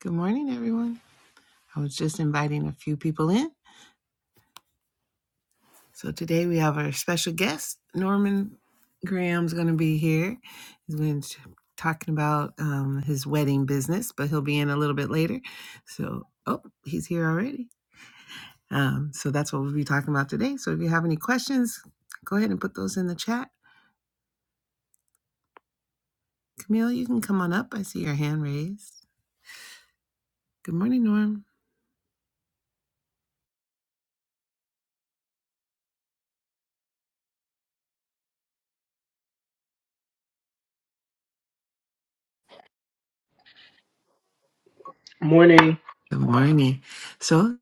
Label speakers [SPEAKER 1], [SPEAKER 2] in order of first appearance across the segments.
[SPEAKER 1] Good morning, everyone. I was just inviting a few people in. So today we have our special guest, Norman Graham's going to be here. He's going to be talking about um, his wedding business, but he'll be in a little bit later. So, oh, he's here already. Um, so that's what we'll be talking about today. So if you have any questions, go ahead and put those in the chat. Camille, you can come on up. I see your hand raised. Good morning, Norm.
[SPEAKER 2] Morning.
[SPEAKER 1] Good morning. So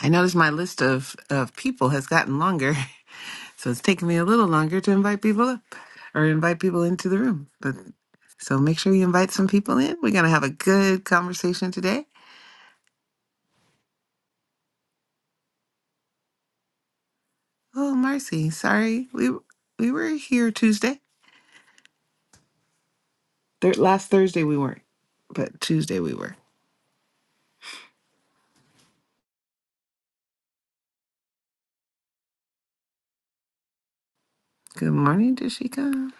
[SPEAKER 1] I noticed my list of, of people has gotten longer. So it's taking me a little longer to invite people up or invite people into the room. But so make sure you invite some people in. We're gonna have a good conversation today. Oh, Marcy, sorry. We we were here Tuesday. Thir- last Thursday we weren't, but Tuesday we were. Good morning, Dashika.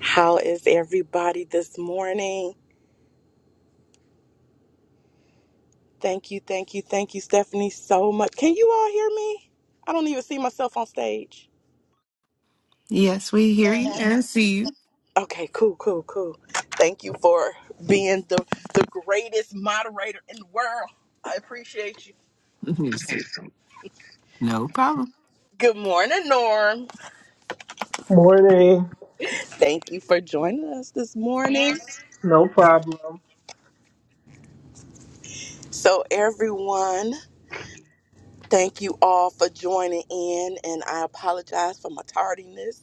[SPEAKER 3] How is everybody this morning? Thank you, thank you, thank you, Stephanie, so much. Can you all hear me? I don't even see myself on stage.
[SPEAKER 1] Yes, we hear you and see you.
[SPEAKER 3] Okay, cool, cool, cool. Thank you for being the, the greatest moderator in the world. I appreciate you.
[SPEAKER 1] You're sweet. no problem.
[SPEAKER 3] Good morning, Norm.
[SPEAKER 2] Morning.
[SPEAKER 3] Thank you for joining us this morning.
[SPEAKER 2] No problem.
[SPEAKER 3] So, everyone, thank you all for joining in, and I apologize for my tardiness.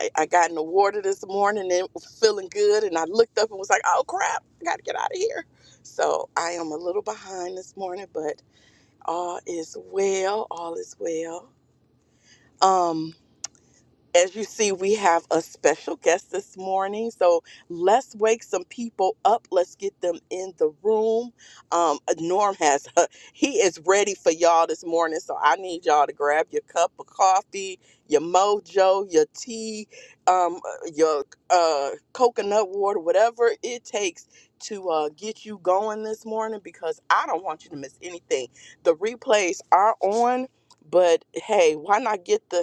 [SPEAKER 3] I, I got in the water this morning and was feeling good, and I looked up and was like, "Oh crap, I got to get out of here." So I am a little behind this morning, but all is well. All is well. Um, as you see, we have a special guest this morning. So let's wake some people up. Let's get them in the room. Um, uh, Norm has, he is ready for y'all this morning. So I need y'all to grab your cup of coffee, your mojo, your tea, um, uh, your uh, coconut water, whatever it takes to uh, get you going this morning because I don't want you to miss anything. The replays are on, but hey, why not get the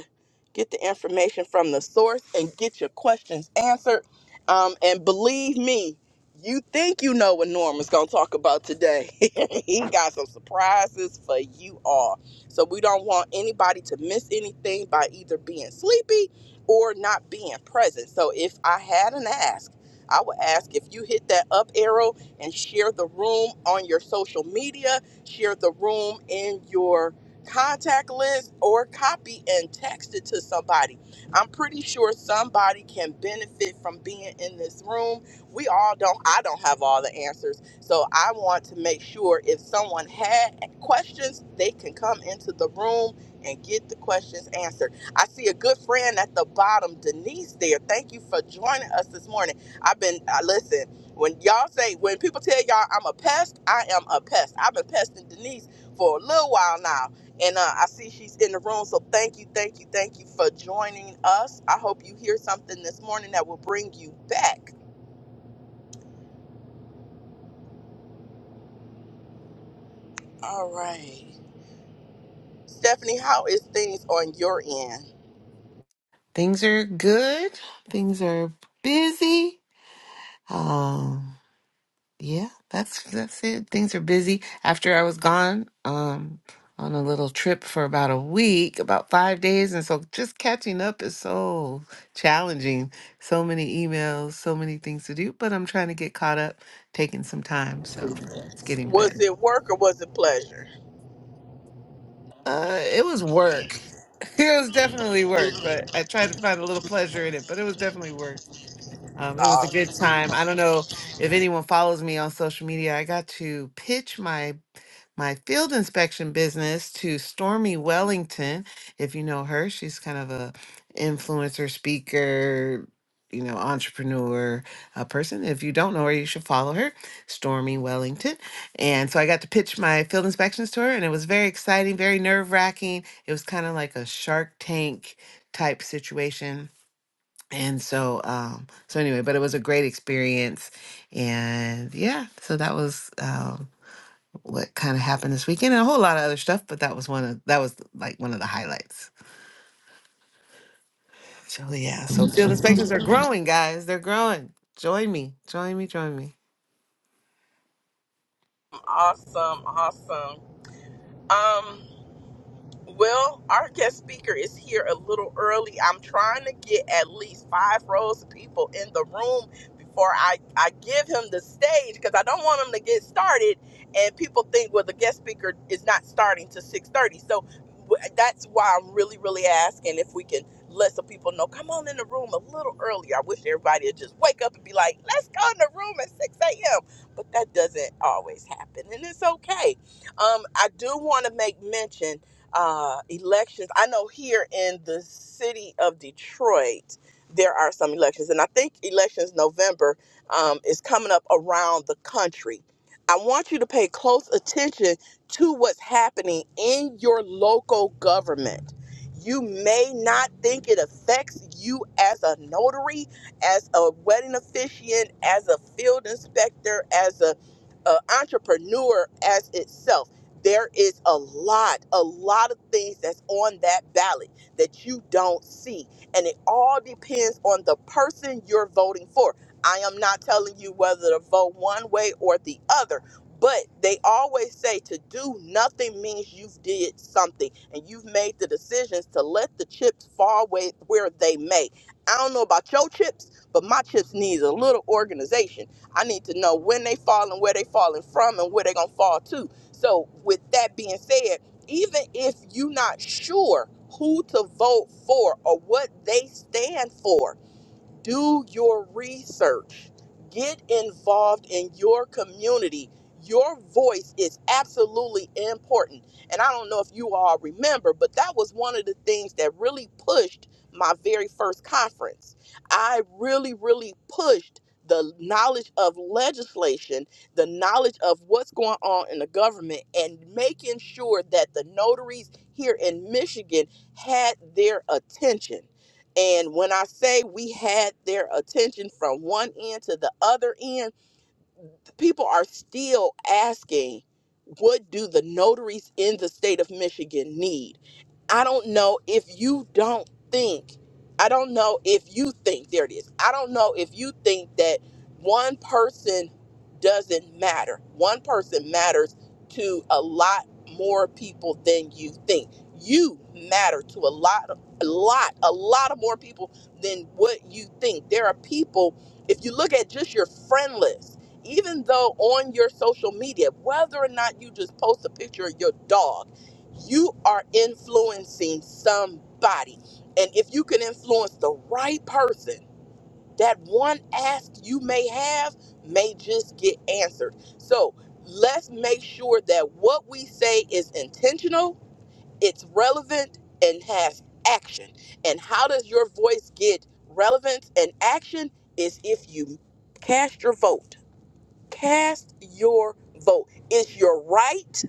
[SPEAKER 3] Get the information from the source and get your questions answered. Um, and believe me, you think you know what Norman's going to talk about today. he got some surprises for you all. So we don't want anybody to miss anything by either being sleepy or not being present. So if I had an ask, I would ask if you hit that up arrow and share the room on your social media, share the room in your contact list or copy and text it to somebody. I'm pretty sure somebody can benefit from being in this room. We all don't I don't have all the answers. So I want to make sure if someone had questions, they can come into the room and get the questions answered. I see a good friend at the bottom, Denise there. Thank you for joining us this morning. I've been I listen, when y'all say when people tell y'all I'm a pest, I am a pest. I've been pesting Denise for a little while now. And uh, I see she's in the room. So thank you, thank you, thank you for joining us. I hope you hear something this morning that will bring you back. All right. Stephanie, how is things on your end?
[SPEAKER 1] Things are good. Things are busy. Um, Yeah, that's that's it. Things are busy. After I was gone, um, on a little trip for about a week, about five days, and so just catching up is so challenging. So many emails, so many things to do, but I'm trying to get caught up, taking some time, so it's getting
[SPEAKER 3] Was
[SPEAKER 1] better.
[SPEAKER 3] it work or was it pleasure?
[SPEAKER 1] Uh, it was work. It was definitely work, but I tried to find a little pleasure in it, but it was definitely work. Um, it was a
[SPEAKER 3] Awesome,
[SPEAKER 1] good time. I don't know if anyone follows me on social media. I got to pitch my my field inspection business to Stormy Wellington. If you know her, she's kind of a influencer, speaker, you know, entrepreneur uh, person. If you don't know her, you should follow her, Stormy Wellington. And so I got to pitch my field inspections to her, and it was very exciting, very nerve wracking. It was kind of like a Shark Tank type situation. And so, um, so anyway, but it was a great experience, and yeah, so that was Um, what kind of happened this weekend and a whole lot of other stuff, but that was one of that was like one of the highlights. So yeah, so field inspections are growing, guys. They're growing. Join me. Join me, join me.
[SPEAKER 3] awesome, awesome. Well, our guest speaker is here a little early. I'm trying to get at least five rows of people in the room before I, I give him the stage because I don't want him to get started and people think, well, the guest speaker is not starting to 6.30. So w- that's why I'm really, really asking if we can let some people know, come on in the room a little early. I wish everybody would just wake up and be like, let's go in the room at 6 a.m. But that doesn't always happen and it's okay. Um, I do want to make mention uh, elections. I know here in the city of Detroit, there are some elections, and I think elections November um, is coming up around the country. I want you to pay close attention to what's happening in your local government. You may not think it affects you as a notary, as a wedding officiant, as a field inspector, as a, a entrepreneur as itself there is a lot, a lot of things that's on that ballot that you don't see. And it all depends on the person you're voting for. I am not telling you whether to vote one way or the other, but they always say to do nothing means you've did something and you've made the decisions to let the chips fall where where they may. I don't know about your chips, but my chips needs a little organization. I need to know when they fall and where they falling from and where they gonna fall to so, with that being said, even if you're not sure who to vote for or what they stand for, do your research get involved in your community your voice is absolutely important and i don't know if you all remember but that was one of the things that really pushed my very first conference i really really pushed the knowledge of legislation the knowledge of what's going on in the government and making sure that the notaries here in michigan had their attention and when I say we had their attention from one end to the other end, people are still asking what do the notaries in the state of Michigan need? I don't know if you don't think, I don't know if you think, there it is. I don't know if you think that one person doesn't matter. One person matters to a lot more people than you think. You matter to a lot of a lot, a lot of more people than what you think. There are people, if you look at just your friend list, even though on your social media, whether or not you just post a picture of your dog, you are influencing somebody. And if you can influence the right person, that one ask you may have may just get answered. So let's make sure that what we say is intentional, it's relevant, and has action. And how does your voice get relevance and action? Is if you cast your vote Cast your vote. It's your right.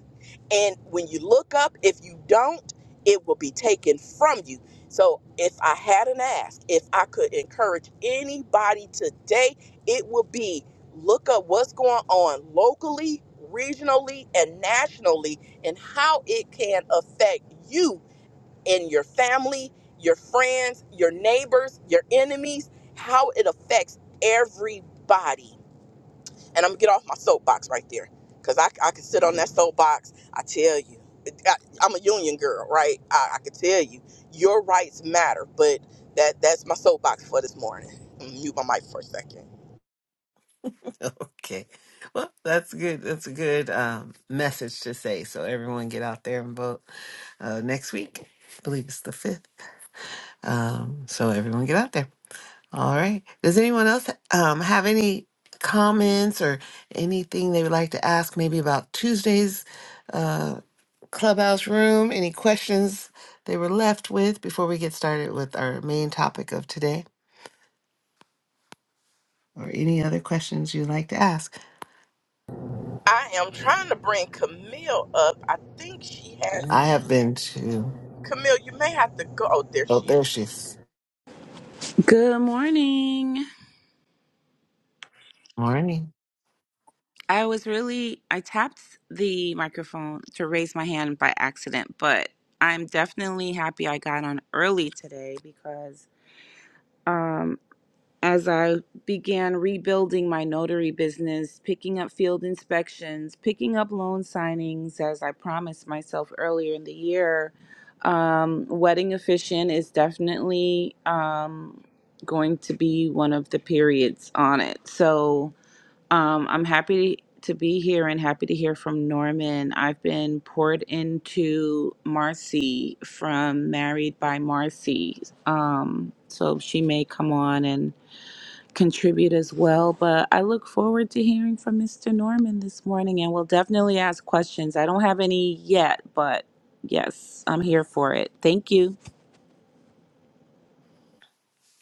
[SPEAKER 3] And when you look up, if you don't, it will be taken from you. So if I had an ask, if I could encourage anybody today, it would be look up what's going on locally, regionally, and nationally, and how it can affect you and your family, your friends, your neighbors, your enemies, how it affects everybody and I'm gonna get off my soapbox right there, cause I, I can sit on that soapbox. I tell you, I, I'm a union girl, right? I, I can tell you, your rights matter, but that that's my soapbox for this morning. I'm gonna mute my mic for a second.
[SPEAKER 1] Okay. Well, that's good. That's a good um, message to say. So everyone get out there and vote uh, next week. I believe it's the fifth. Um, so everyone get out there. All right. Does anyone else um, have any comments or anything they would like to ask? Maybe about Tuesday's uh, clubhouse room. Any questions they were left with before we get started with our main topic of today, or any other questions you'd like to ask?
[SPEAKER 3] I am trying to bring Camille up. I think she has.
[SPEAKER 1] I have been to.
[SPEAKER 3] Camille, you may have to go. Oh, there
[SPEAKER 1] Oh,
[SPEAKER 3] she
[SPEAKER 1] there
[SPEAKER 3] is.
[SPEAKER 1] she is.
[SPEAKER 4] Good morning.
[SPEAKER 1] Morning.
[SPEAKER 4] I was really, I tapped the microphone to raise my hand by accident, but I'm definitely happy I got on early today because um, as I began rebuilding my notary business, picking up field inspections, picking up loan signings, as I promised myself earlier in the year, um, Wedding Efficient is definitely um, going to be one of the periods on it. So, Um, I'm happy to be here and happy to hear from Norman. I've been poured into Marcy from Married by Marcy. Um, so she may come on and contribute as well. But I look forward to hearing from Mr. Norman this morning and we'll definitely ask questions. I don't have any yet, but yes, I'm here for it. Thank you.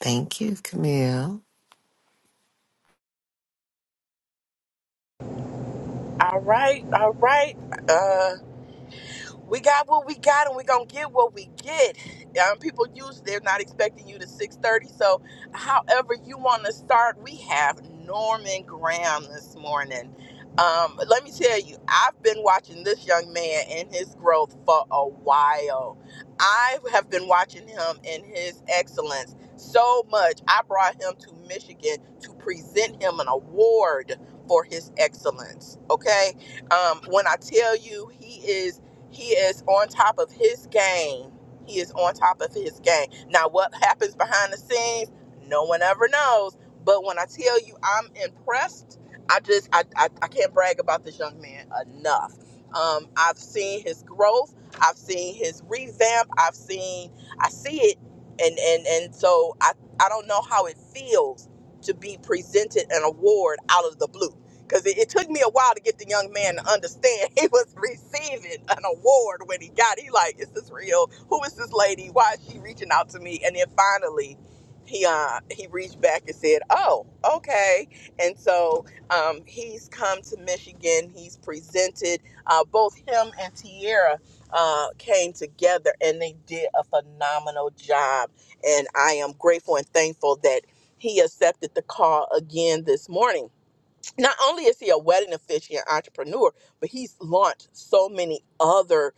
[SPEAKER 1] Thank you, Camille.
[SPEAKER 3] All right, all right. Uh. we got what we got and we're gonna get what we get um, people use they're not expecting you to 6.30 so however you want to start we have norman graham this morning um, let me tell you i've been watching this young man and his growth for a while i have been watching him and his excellence so much i brought him to michigan to present him an award for his excellence okay um, when i tell you he is he is on top of his game. He is on top of his game. Now, what happens behind the scenes, no one ever knows. But when I tell you I'm impressed, I just I, I, I can't brag about this young man enough. Um, I've seen his growth. I've seen his revamp. I've seen I see it, and and and so I I don't know how it feels to be presented an award out of the blue. Because it, it took me a while to get the young man to understand he was receiving an award when he got. it. He like, is this real? Who is this lady? Why is she reaching out to me? And then finally, he uh he reached back and said, oh, okay. And so um, he's come to Michigan. He's presented. Uh, both him and Tierra uh, came together, and they did a phenomenal job. And I am grateful and thankful that he accepted the call again this morning not only is he a wedding officiant entrepreneur, but he's launched so many other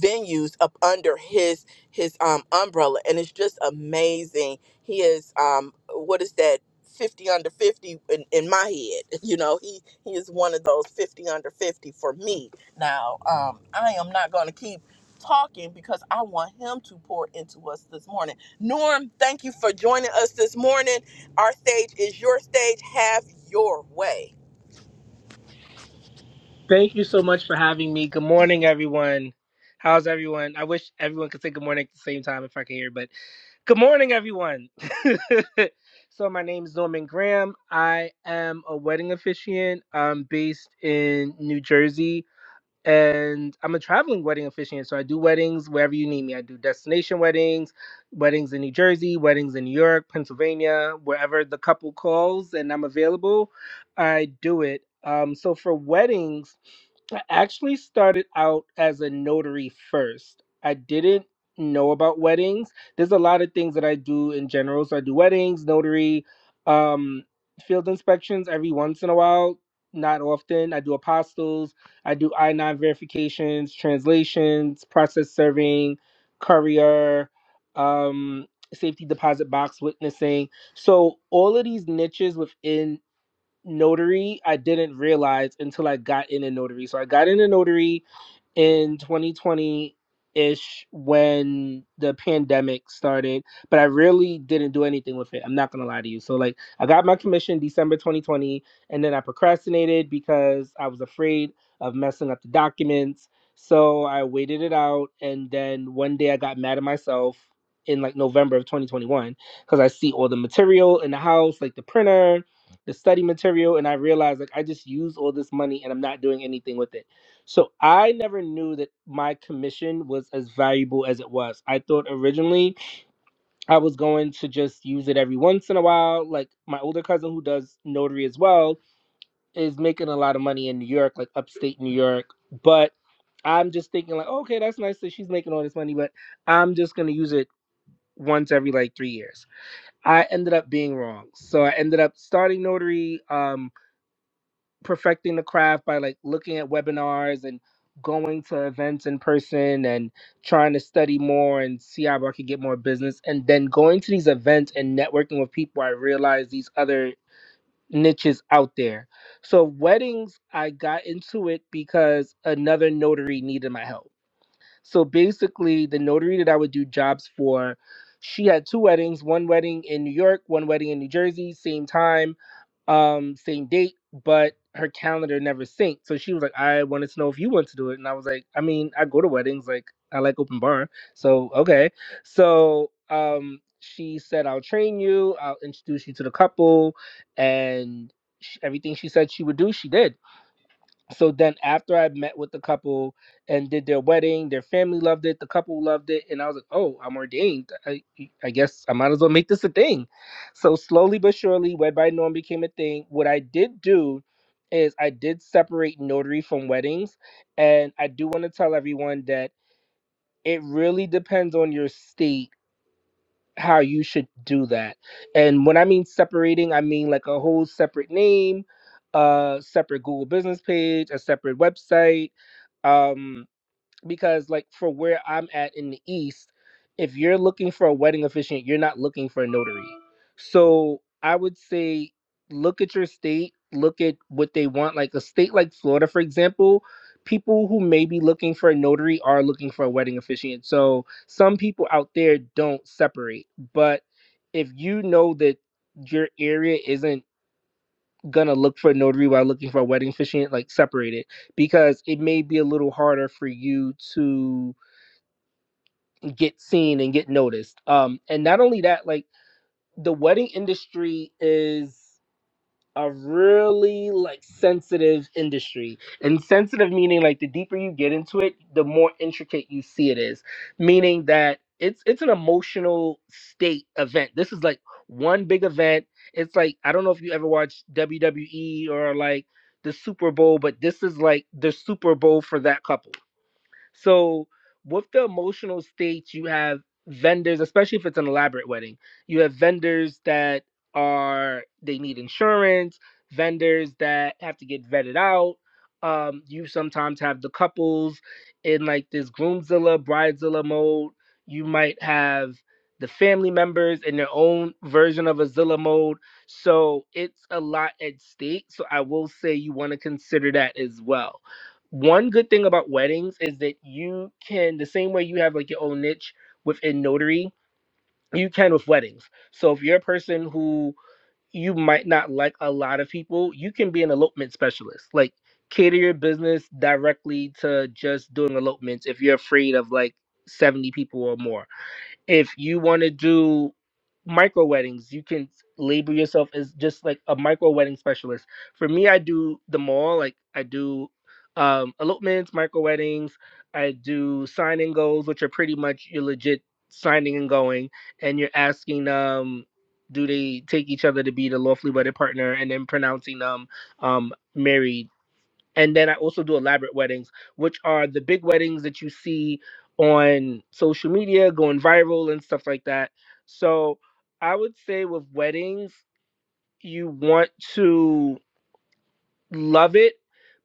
[SPEAKER 3] venues up under his his um umbrella and it's just amazing. He is um what is that 50 under 50 in, in my head. You know, he he is one of those 50 under 50 for me. Now, um I am not going to keep talking because I want him to pour into us this morning. Norm, thank you for joining us this morning. Our stage is your stage. Have your way.
[SPEAKER 2] Thank you so much for having me. Good morning, everyone. How's everyone? I wish everyone could say good morning at the same time if I could hear, but good morning, everyone. so, my name is Norman Graham. I am a wedding officiant. I'm based in New Jersey. and I'm a traveling wedding officiant. So I do weddings wherever you need me. I do destination weddings, weddings in New Jersey, weddings in New York, Pennsylvania, wherever the couple calls and I'm available, I do it. Um, so for weddings, I actually started out as a notary first. I didn't know about weddings. There's a lot of things that I do in general. So I do weddings, notary, um, field inspections every once in a while, not often. I do apostles. I do I 9 verifications, translations, process serving, courier, um, safety deposit box witnessing. So, all of these niches within notary, I didn't realize until I got in a notary. So, I got in a notary in 2020 ish when the pandemic started, but I really didn't do anything with it. I'm not gonna lie to you. So like I got my commission December 2020, and then I procrastinated because I was afraid of messing up the documents. So I waited it out, and then one day I got mad at myself in like November of 2021 because I see all the material in the house, like the printer, the study material, and I realized like I just used all this money and I'm not doing anything with it. So I never knew that my commission was as valuable as it was. I thought originally I was going to just use it every once in a while. Like my older cousin who does notary as well is making a lot of money in New York, like upstate New York. But I'm just thinking like, okay, that's nice that she's making all this money, but I'm just gonna use it once every like three years. I ended up being wrong. So I ended up starting notary. Um perfecting the craft by like looking at webinars and going to events in person and trying to study more and see how I could get more business. And then going to these events and networking with people, I realized these other niches out there. So weddings, I got into it because another notary needed my help so basically, the notary that I would do jobs for, she had two weddings one wedding in New York, one wedding in New Jersey, same time, um, same date, but her calendar never synced. So she was like, I wanted to know if you want to do it. And I was like, I mean, I go to weddings, like, I like open bar. So, okay. So, um, she said, I'll train you, I'll introduce you to the couple. And sh everything she said she would do, she did so then after I met with the couple and did their wedding, their family loved it, the couple loved it, and I was like, oh, I'm ordained. I, I guess I might as well make this a thing. So slowly but surely, Wed by Norm became a thing. What I did do is I did separate notary from weddings, and I do want to tell everyone that it really depends on your state how you should do that. And when I mean separating, I mean like a whole separate name, a separate Google business page, a separate website um because like for where i'm at in the east if you're looking for a wedding officiant you're not looking for a notary so i would say look at your state look at what they want like a state like florida for example people who may be looking for a notary are looking for a wedding officiant so some people out there don't separate but if you know that your area isn't gonna look for a notary while looking for a wedding officiant, like separate it because it may be a little harder for you to get seen and get noticed. Um, and not only that, like the wedding industry is a really like sensitive industry and sensitive meaning like the deeper you get into it the more intricate you see it is meaning that it's it's an emotional state event this is like one big event it's like i don't know if you ever watched wwe or like the super bowl but this is like the super bowl for that couple so with the emotional states, you have vendors, especially if it's an elaborate wedding, you have vendors that are they need insurance, vendors that have to get vetted out. Um, you sometimes have the couples in like this groomzilla, bridezilla mode. You might have the family members in their own version of a Zilla mode. So it's a lot at stake. So I will say you want to consider that as well one good thing about weddings is that you can the same way you have like your own niche within notary you can with weddings so if you're a person who you might not like a lot of people you can be an elopement specialist like cater your business directly to just doing elopements if you're afraid of like 70 people or more if you want to do micro weddings, you can label yourself as just like a micro wedding specialist. For me, I do them all. Like I do um, elopements, micro weddings. I do sign and goals, which are pretty much you're legit signing and going, and you're asking um do they take each other to be the lawfully wedded partner, and then pronouncing them um, married and then I also do elaborate weddings, which are the big weddings that you see on social media going viral and stuff like that. So I would say with weddings, you want to love it,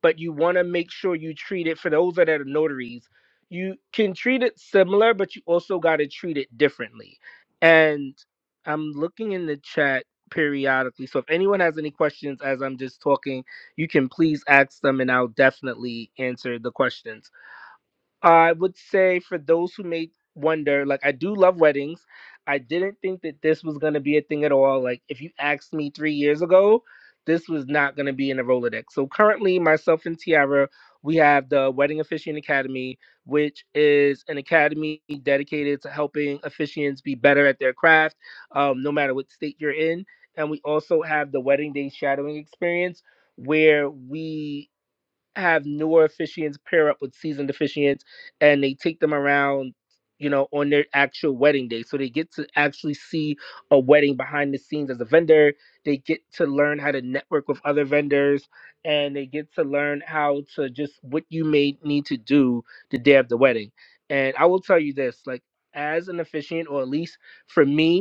[SPEAKER 2] but you want to make sure you treat it for those that are notaries. You can treat it similar, but you also got to treat it differently. And I'm looking in the chat periodically. So if anyone has any questions as I'm just talking, you can please ask them and I'll definitely answer the questions. I would say for those who may wonder, like I do love weddings. I didn't think that this was gonna be a thing at all. Like if you asked me three years ago, this was not gonna be in the Rolodex. So currently myself and Tiara, we have the Wedding Officiant Academy, which is an academy dedicated to helping officiants be better at their craft, um, no matter what state you're in. And we also have the Wedding Day Shadowing Experience, where we have newer officiants pair up with seasoned officiants and they take them around you know on their actual wedding day so they get to actually see a wedding behind the scenes as a vendor they get to learn how to network with other vendors and they get to learn how to just what you may need to do the day of the wedding and i will tell you this like as an officiant or at least for me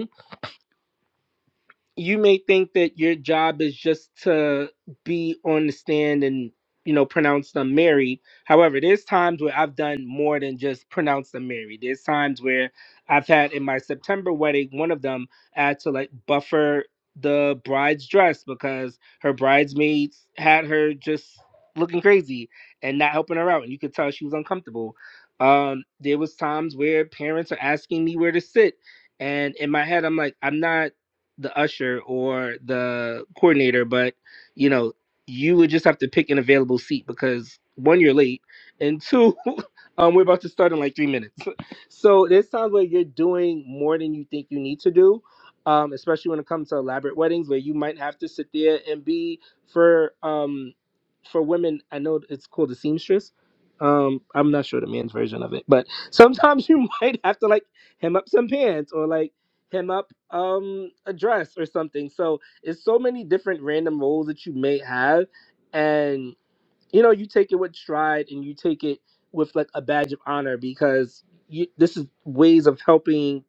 [SPEAKER 2] you may think that your job is just to be on the stand and you know pronounce them married however there's times where i've done more than just pronounce them married there's times where i've had in my september wedding one of them i had to like buffer the bride's dress because her bridesmaids had her just looking crazy and not helping her out and you could tell she was uncomfortable um there was times where parents are asking me where to sit and in my head i'm like i'm not the usher or the coordinator, but you know, you would just have to pick an available seat because one, you're late, and two, um, we're about to start in like three minutes. So this sounds like you're doing more than you think you need to do, um, especially when it comes to elaborate weddings where you might have to sit there and be for um for women. I know it's called the seamstress. Um, I'm not sure the man's version of it, but sometimes you might have to like hem up some pants or like him up um a dress or something. So it's so many different random roles that you may have and you know you take it with stride and you take it with like a badge of honor because you, this is ways of helping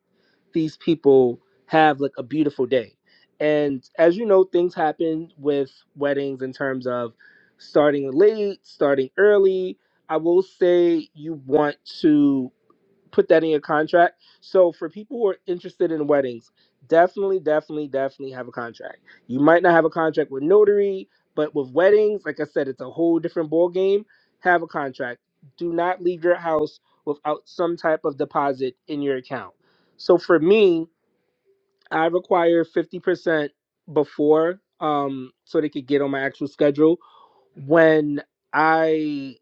[SPEAKER 2] these people have like a beautiful day. And as you know things happen with weddings in terms of starting late, starting early. I will say you want to put that in your contract. So for people who are interested in weddings, definitely, definitely, definitely have a contract. You might not have a contract with notary, but with weddings, like I said, it's a whole different ball game. Have a contract. Do not leave your house without some type of deposit in your account. So for me, I require fifty percent before, um, so they could get on my actual schedule when. I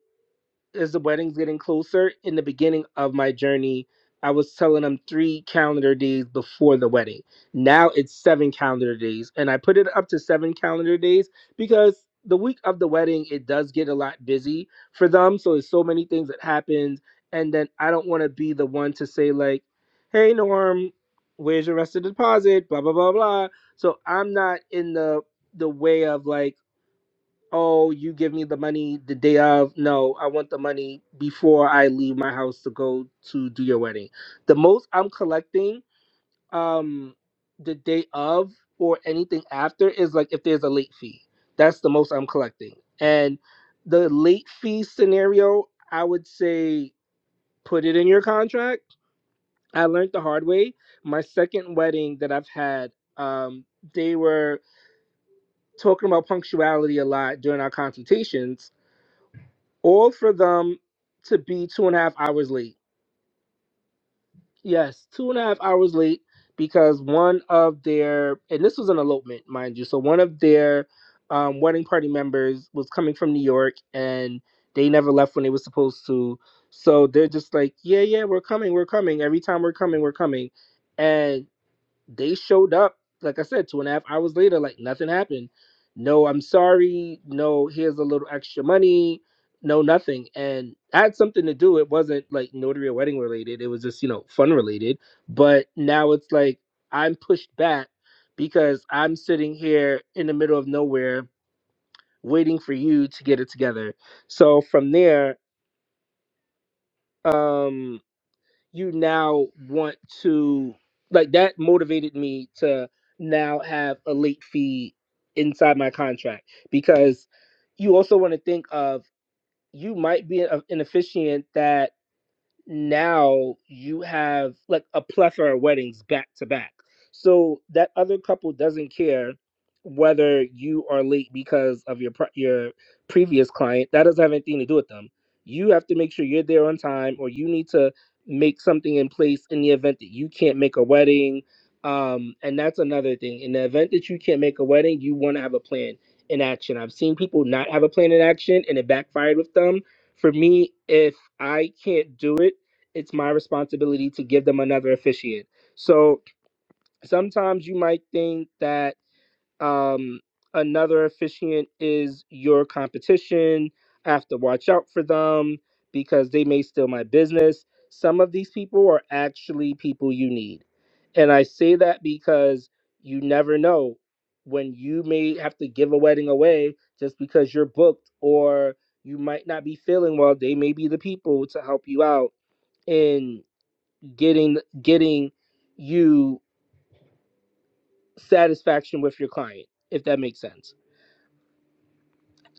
[SPEAKER 2] as the wedding's getting closer, in the beginning of my journey, I was telling them three calendar days before the wedding. Now it's seven calendar days. And I put it up to seven calendar days because the week of the wedding, it does get a lot busy for them. So there's so many things that happens. And then I don't want to be the one to say, like, hey, Norm, where's your rest of the deposit? Blah, blah, blah, blah. So I'm not in the the way of like oh, you give me the money the day of. No, I want the money before I leave my house to go to do your wedding. The most I'm collecting um the day of or anything after is like if there's a late fee. That's the most I'm collecting. And the late fee scenario, I would say put it in your contract. I learned the hard way. My second wedding that I've had, um, they were talking about punctuality a lot during our consultations All for them to be two and a half hours late. Yes, two and a half hours late because one of their and this was an elopement, mind you. So one of their um, wedding party members was coming from New York and they never left when they were supposed to. So they're just like, yeah, yeah, we're coming, we're coming. Every time we're coming, we're coming. and they showed up, like I said, two and a half hours later, like nothing happened. No, I'm sorry. No, here's a little extra money. No, nothing. And I had something to do. It wasn't like notary or wedding related. It was just, you know, fun related. But now it's like I'm pushed back because I'm sitting here in the middle of nowhere waiting for you to get it together. So from there, um, you now want to like that motivated me to now have a late fee inside my contract because you also want to think of you might be a, an officiant that now you have like a plethora of weddings back to back. So that other couple doesn't care whether you are late because of your pre- your previous client. That doesn't have anything to do with them. You have to make sure you're there on time, or you need to make something in place in the event that you can't make a wedding. Um, and that's another thing. In the event that you can't make a wedding, you want to have a plan in action. I've seen people not have a plan in action, and it backfired with them. For me, if I can't do it it's my responsibility to give them another officiant. So sometimes you might think that um, another officiant is your competition. I have to watch out for them because they may steal my business. Some of these people are actually people you need. And I say that because you never know when you may have to give a wedding away just because you're booked or you might not be feeling well. They may be the people to help you out. in getting getting you satisfaction with your client if that makes sense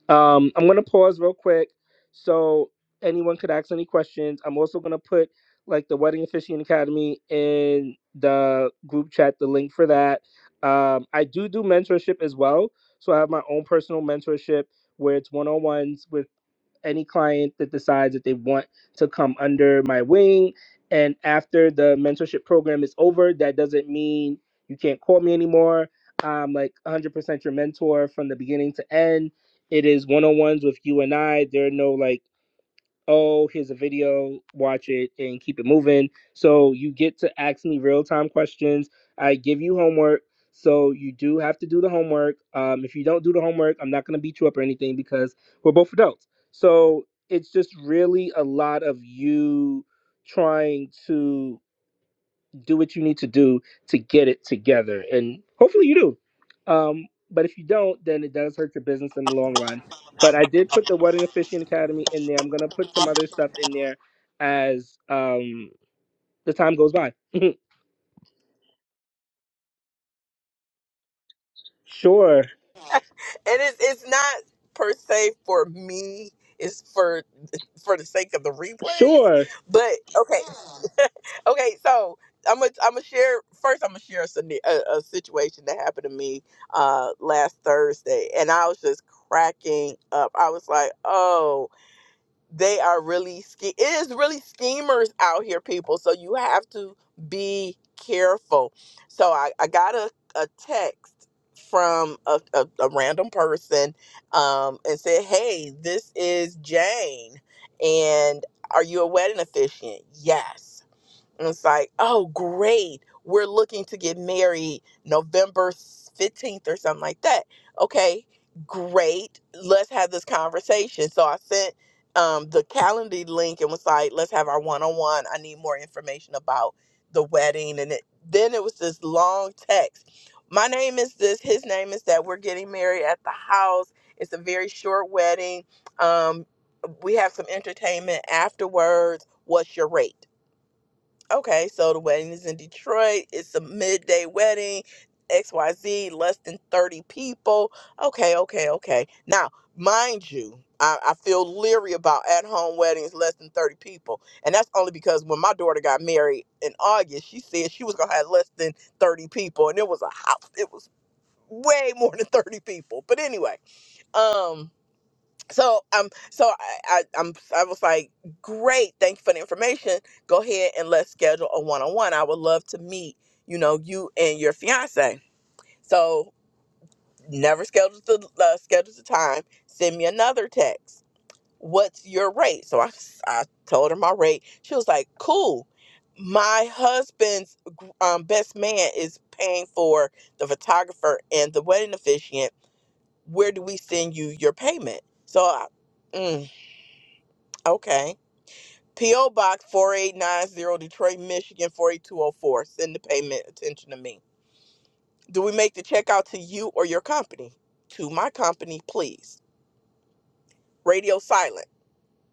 [SPEAKER 2] um i'm going to pause real quick so anyone could ask any questions i'm also going to put like the wedding officiating academy in the group chat the link for that um i do do mentorship as well so i have my own personal mentorship where it's one-on-ones with. any client that decides that they want to come under my wing. And after the mentorship program is over, that doesn't mean you can't call me anymore. I'm like 100% your mentor from the beginning to end. It is one on ones with you and I. There are no like oh, here's a video, watch it and keep it moving. So you get to ask me real time questions. I give you homework. So you do have to do the homework. Um, if you don't do the homework, I'm not going to beat you up or anything because we're both adults. So it's just really a lot of you trying to do what you need to do to get it together and hopefully you do um, but if you don't then it does hurt your business in the long run but i did put the wedding officiant academy in there i'm going to put some other stuff in there as um, the time goes by sure
[SPEAKER 3] and it's it's not per se for me. It's for for the sake of the replays.
[SPEAKER 2] sure
[SPEAKER 3] But okay, okay. So I'm gonna I'm gonna share first. I'm gonna share a, scenar- a, a situation that happened to me uh last Thursday, and I was just cracking up. I was like, oh they are really ske- it is really schemers out here people so you have to be careful so i, I got a, a text from a, a, a random person um, and said hey this is jane and are you a wedding officiant yes and it's like, oh, great. We're looking to get married November 15th or something like that. Okay, great. Let's have this conversation. So I sent um, the calendar link and was like, let's have our one on one. I need more information about the wedding. And it, then it was this long text. My name is this, his name is that. We're getting married at the house. It's a very short wedding. Um, we have some entertainment afterwards. What's your rate? Okay, so the wedding is in Detroit. It's a midday wedding, XYZ, less than 30 people. Okay, okay, okay. Now, mind you, I, I feel leery about at home weddings less than 30 people. And that's only because when my daughter got married in August, she said she was going to have less than 30 people. And it was a house, it was way more than 30 people. But anyway, um, so um so I, I i'm i was like great thank you for the information go ahead and let's schedule a one-on-one i would love to meet you know you and your fiance so never scheduled the uh, scheduled the time send me another text what's your rate so i i told her my rate she was like cool my husband's gr- um, best man is paying for the photographer and the wedding officiant where do we send you your payment so I, mm. Okay. P.O. Box 4890, Detroit, Michigan 48204. Send the payment attention to me. Do we make the check out to you or your company? To my company, please. Radio silent.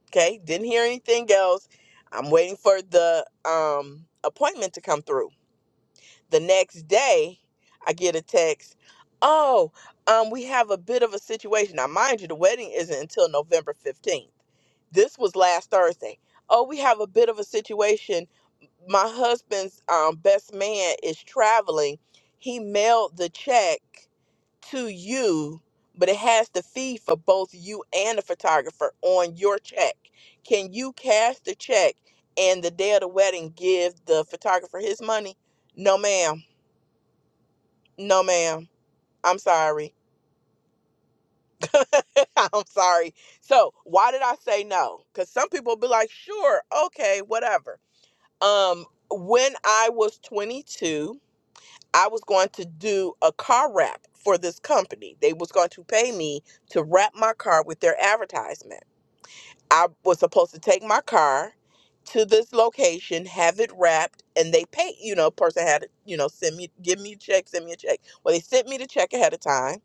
[SPEAKER 3] Okay. Didn't hear anything else. I'm waiting for the um appointment to come through. the next day i get a text oh um we have a bit of a situation now mind you the wedding isn't until november 15th this was last thursday oh we have a bit of a situation my husband's um, best man is traveling he mailed the check to you but it has the fee for both you and the photographer on your check can you cash the check and the day of the wedding give the photographer his money no ma'am no, ma'am. I'm sorry. I'm sorry. So why did I say no? Because some people be like, sure, okay, whatever. Um, when I was 22, I was going to do a car wrap for this company. They was going to pay me to wrap my car with their advertisement. I was supposed to take my car to this location, have it wrapped, and they pay. You know, person had to, you know, send me, give me a check, send me a check. Well, they sent me the check ahead of time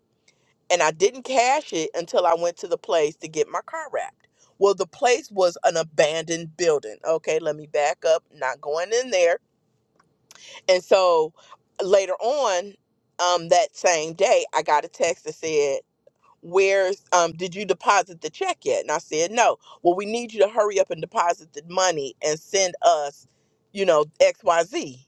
[SPEAKER 3] and I didn't cash it until I went to the place to get my car wrapped. Well, the place was an abandoned building. Okay, let me back up, not going in there. And so later on, um, that same day, I got a text that said, where's um did you deposit the check yet and i said no well we need you to hurry up and deposit the money and send us you know xyz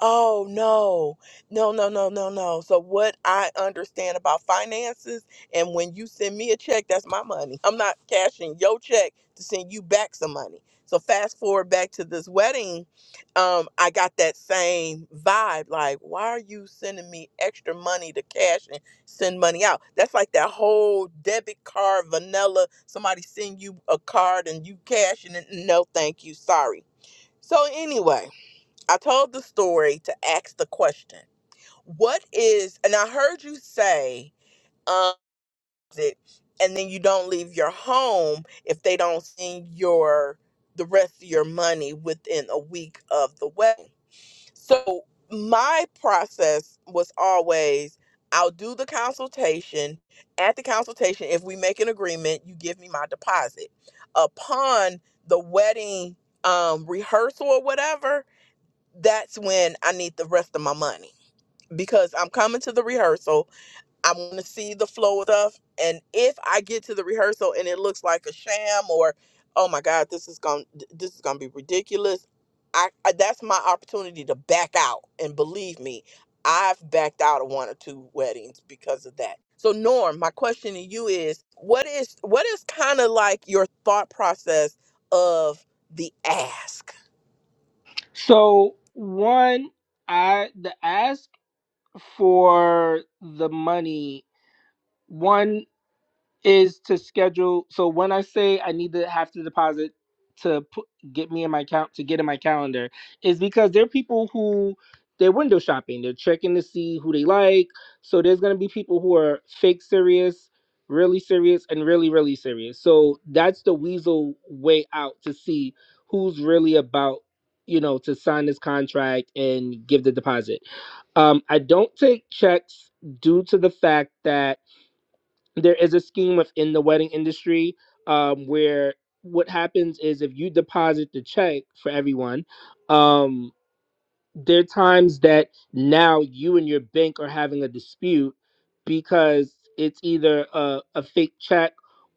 [SPEAKER 3] oh no no no no no no so what i understand about finances and when you send me a check that's my money i'm not cashing your check to send you back some money so fast forward back to this wedding um i got that same vibe like why are you sending me extra money to cash send money out. That's like that whole debit card vanilla. Somebody send you a card and you cash and no, thank you, sorry. So anyway, I told the story to ask the question: What is? And I heard you say, um, it, and then you don't leave your home if they don't send your the rest of your money within a week of the wedding. So my process was always I'll do the consultation. At the consultation, if we make an agreement, you give me my deposit. Upon the wedding um, rehearsal or whatever, that's when I need the rest of my money because I'm coming to the rehearsal. I want to see the flow of stuff. And if I get to the rehearsal and it looks like a sham, or oh my God, this is going to this is gonna be ridiculous. I, I that's my opportunity to back out. And believe me, I've backed out of one or two weddings because of that. So Norm, my question to you is, what is what is kind of like your thought process of the ask?
[SPEAKER 2] so one i the ask for the money one is to schedule. So when I say I need to have to deposit to put, get me in my count to get in my calendar, is because there are people who they're window shopping. They're checking to see who they like. So there's gonna be people who are fake serious, really serious, and really really serious. So that's the weasel way out to see who's really about you know to sign this contract and give the deposit. Um, I don't take checks due to the fact that there is a scheme within the wedding industry um, where what happens is if you deposit the check for everyone, um, there are times that now you and your bank are having a dispute because it's either a, a fake check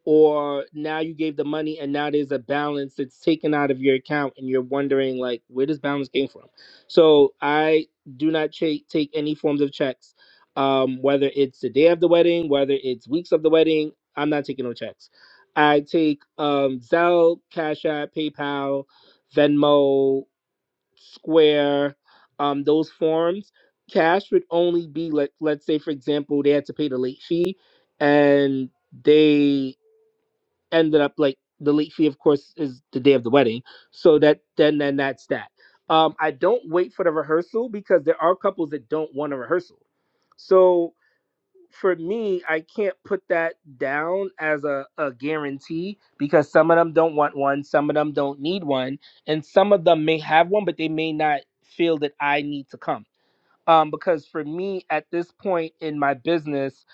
[SPEAKER 2] or now you gave the money and now there's a balance that's taken out of your account and you're wondering like where this balance came from so i do not cha- take any forms of checks um, whether it's the day of the wedding whether it's weeks of the wedding i'm not taking no checks i take um, zelle cash app paypal venmo Square, um, those forms, cash would only be let let's say for example they had to pay the late fee, and they ended up like the late fee of course is the day of the wedding, so that then then that's that. Um, I don't wait for the rehearsal because there are couples that don't want a rehearsal, so for me, I can't put that down as a, a guarantee because some of them don't want one, some of them don't need one, and some of them may have one, but they may not feel that I need to come. Um, because for me, at this point in my business,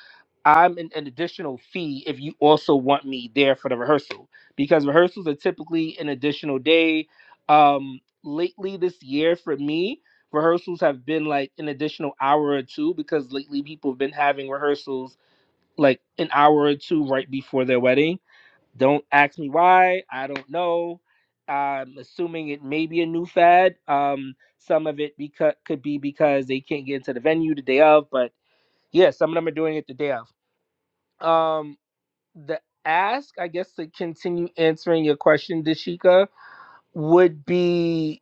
[SPEAKER 2] I'm an, an additional fee if you also want me there for the rehearsal because rehearsals are typically an additional day. Um, lately this year, for me, rehearsals have been like an additional hour or two because lately people have been having rehearsals like an hour or two right before their wedding. Don't ask me why. I don't know. I'm assuming it may be a new fad. Um, some of it because could be because they can't get into the venue the day of, but yeah, some of them are doing it the day of. Um, the ask, I guess, to continue answering your question, Dashika, would be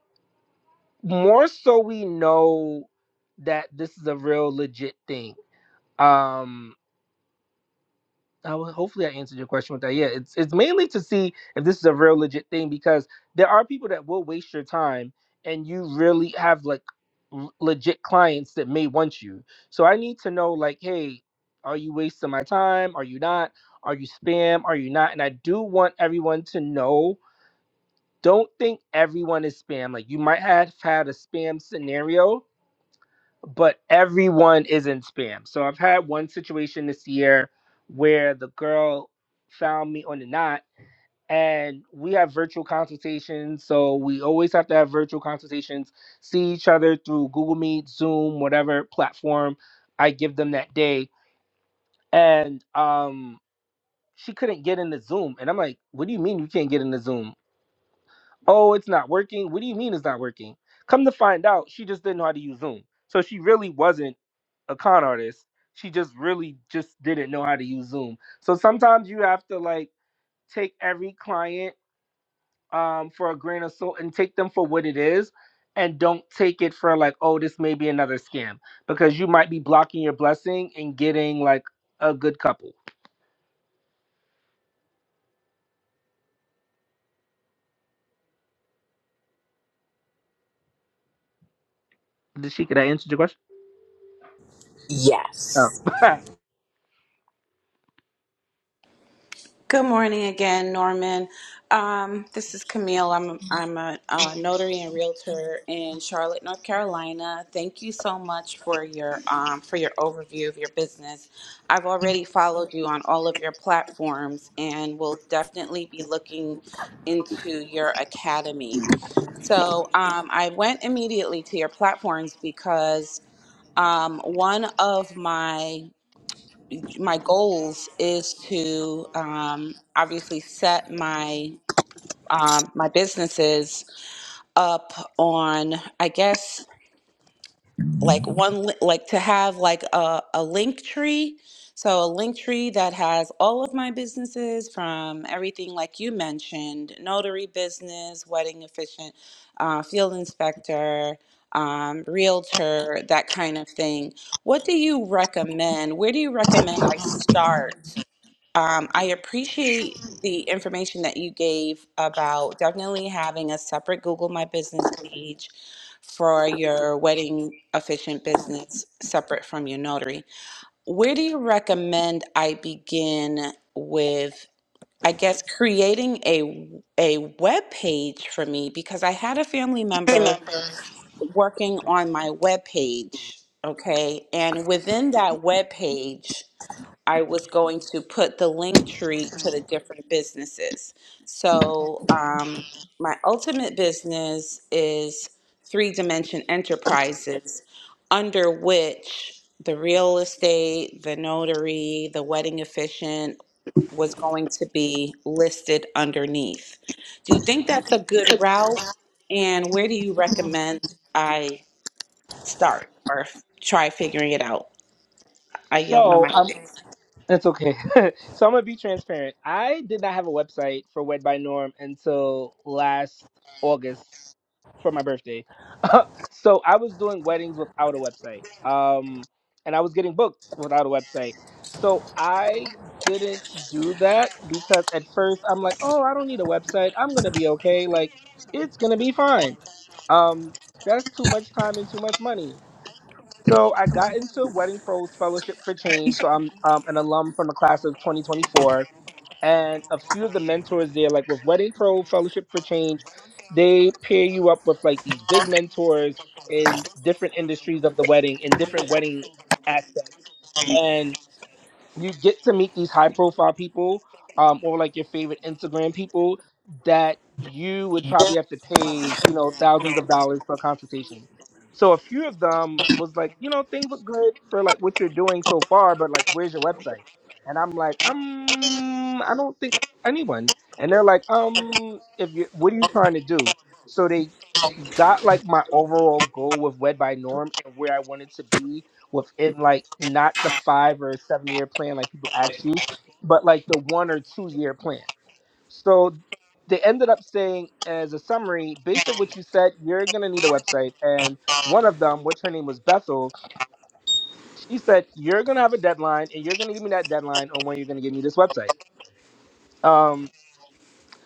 [SPEAKER 2] more so we know that this is a real legit thing. Um, I will, hopefully I answered your question with that. Yeah, it's it's mainly to see if this is a real legit thing because there are people that will waste your time and you really have like l- legit clients that may want you. So I need to know like, hey, are you wasting my time? Are you not? Are you spam? Are you not? And I do want everyone to know, don't think everyone is spam. Like you might have had a spam scenario, but everyone is in spam. So I've had one situation this year where the girl found me on the knot and we have virtual consultations. So we always have to have virtual consultations, see each other through Google Meet, Zoom, whatever platform I give them that day. And um she couldn't get into Zoom. And I'm like, what do you mean you can't get into Zoom? Oh, it's not working. What do you mean it's not working? Come to find out, she just didn't know how to use Zoom. So she really wasn't a con artist. She just really just didn't know how to use Zoom. So sometimes you have to like take every client um, for a grain of salt and take them for what it is, and don't take it for like, oh, this may be another scam because you might be blocking your blessing and getting like a good couple. Did she? Could I answer your question? Oh.
[SPEAKER 3] Yes.
[SPEAKER 4] Good morning again, Norman. Um, this is Camille. I'm I'm a, uh notary and realtor in Charlotte, North Carolina. Thank you so much for your um, for your overview of your business. I've already followed you on all of your platforms, and will definitely be looking into your academy. So um, I went immediately to your platforms because um, one of my my goals is to um, obviously set my um, my businesses up on I guess like one li- like to have like a, a link tree so a link tree that has all of my businesses from everything like you mentioned notary business wedding efficient uh, field inspector um, realtor that kind of thing what do you recommend where do you recommend i start um, I appreciate the information that you gave about definitely having a separate Google My Business page for your wedding officiant business separate from your notary. Where do you recommend I begin with, I guess, creating a a web page for me because I had a family member working on my web page, okay? And within that web page, I was going to put the link tree to the different businesses. So, um, my ultimate business is Three Dimension Enterprises, under which the real estate, the notary, the wedding officiant was going to be listed underneath. Do you think that's a good route? And where do you recommend I start or f- try figuring it out? I yield my
[SPEAKER 2] so um,
[SPEAKER 4] mic.
[SPEAKER 2] it's okay. so I'm gonna be transparent. I did not have a website for Wed by Norm until last August for my birthday. so I was doing weddings without a website. Um, and I was getting booked without a website. So I didn't do that because at first I'm like, oh, I don't need a website. I'm going to be okay. Like, it's going to be fine. Um, that's too much time and too much money. So I got into Wedding Pros Fellowship for Change. So I'm um, an alum from the class of 2024 and a few of the mentors there, like with Wedding Pro Fellowship for Change, they pair you up with like these big mentors in different industries of the wedding, in different wedding aspects. and you get to meet these high profile people um, or like your favorite Instagram people that you would probably have to pay, you know, thousands of dollars for a consultation. So a few of them was like, you know, things look good for like what you're doing so far, but like, where's your website? And I'm like, um, I don't think anyone. And they're like, um, if you, what are you trying to do? So they got like my overall goal with Wed by Norm and where I wanted to be within like not the five or seven year plan like people ask you, but like the one or two year plan. So they ended up saying as a summary, based on what you said, you're gonna need a website. And one of them, which her name was Bethel, she said, You're gonna have a deadline and you're gonna give me that deadline on when you're gonna give me this website. Um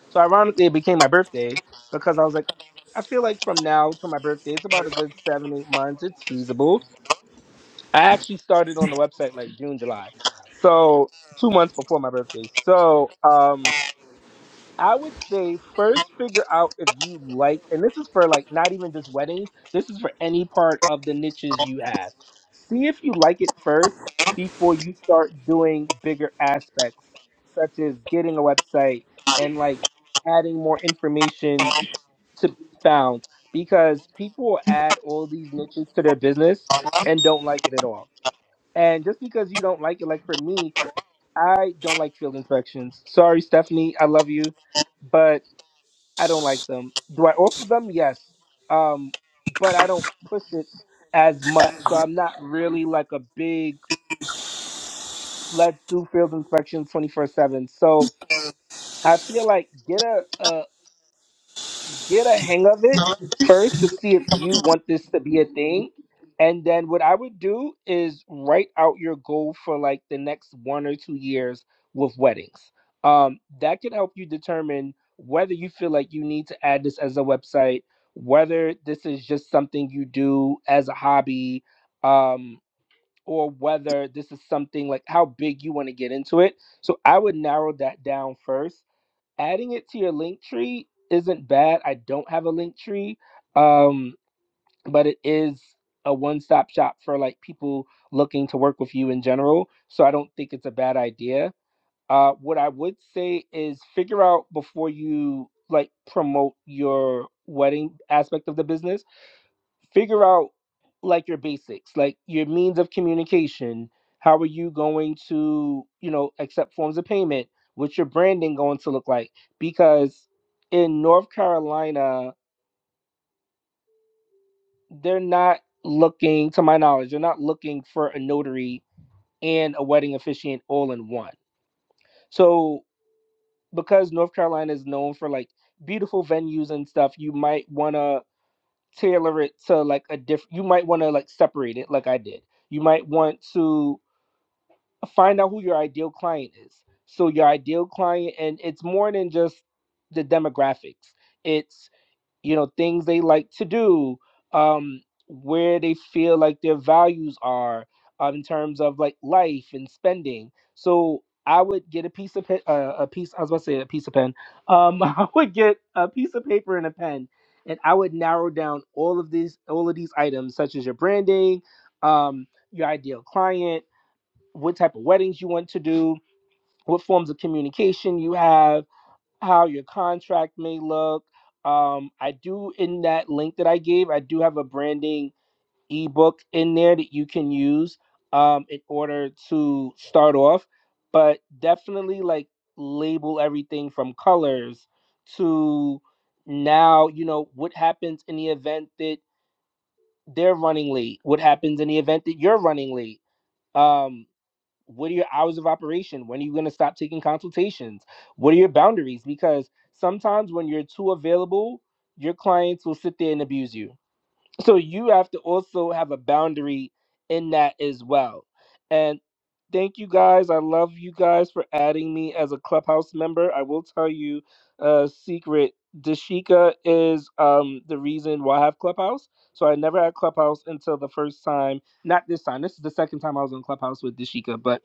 [SPEAKER 2] so ironically, it became my birthday because I was like, I feel like from now to my birthday, it's about a good seven, eight months. It's feasible. I actually started on the website like June, July, so two months before my birthday. So um, I would say first figure out if you like, and this is for like not even just weddings, this is for any part of the niches you have. See if you like it first before you start doing bigger aspects, such as getting a website and like adding more information to be found, because people add all these niches to their business and don't like it at all. And just because you don't like it, like for me, I don't like field inspections. Sorry, Stephanie, I love you, but I don't like them. Do I offer them? Yes. Um, but I don't push it as much. So I'm not really like a big let's do field inspections 24 7. So I feel like get a, a get a hang of it first to see if you want this to be a thing. And then what I would do is write out your goal for like the next one or two years with weddings. Um, that can help you determine whether you feel like you need to add this as a website, whether this is just something you do as a hobby, um, or whether this is something like how big you want to get into it. So I would narrow that down first adding it to your link tree isn't bad. I don't have a link tree, um, but it is a one stop shop for like people looking to work with you in general. So I don't think it's a bad idea. Uh, what I would say is figure out before you like promote your wedding aspect of the business figure out like your basics, like your means of communication. How are you going to, you know, accept forms of payment? What's your branding going to look like? Because in North Carolina, they're not looking, to my knowledge, they're not looking for a notary and a wedding officiant all in one. So because North Carolina is known for like beautiful venues and stuff, you might want to tailor it to like a different, you might want to like separate it like I did you might want to find out who your ideal client is. So your ideal client, and it's more than just the demographics. It's you know things they like to do, um, where they feel like their values are um, in terms of like life and spending. So I would get a piece of pe- uh, a piece. I was about to say a piece of pen. Um, I would get a piece of paper and a pen, and I would narrow down all of these all of these items, such as your branding, um, your ideal client what type of weddings you want to do, what forms of communication you have, how your contract may look. Um, I do in that link that I gave, I do have a branding ebook in there that you can use um, in order to start off, but definitely like label everything from colors to now, you know, what happens in the event that they're running late, what happens in the event that you're running late. Um, what are your hours of operation when are you going to stop taking consultations what are your boundaries because sometimes when you're too available your clients will sit there and abuse you so you have to also have a boundary in that as well and thank you guys i love you guys for adding me as a clubhouse member i will tell you a secret dashika is um the reason why i have clubhouse so i never had clubhouse until the first time not this time this is the second time i was on clubhouse with dashika but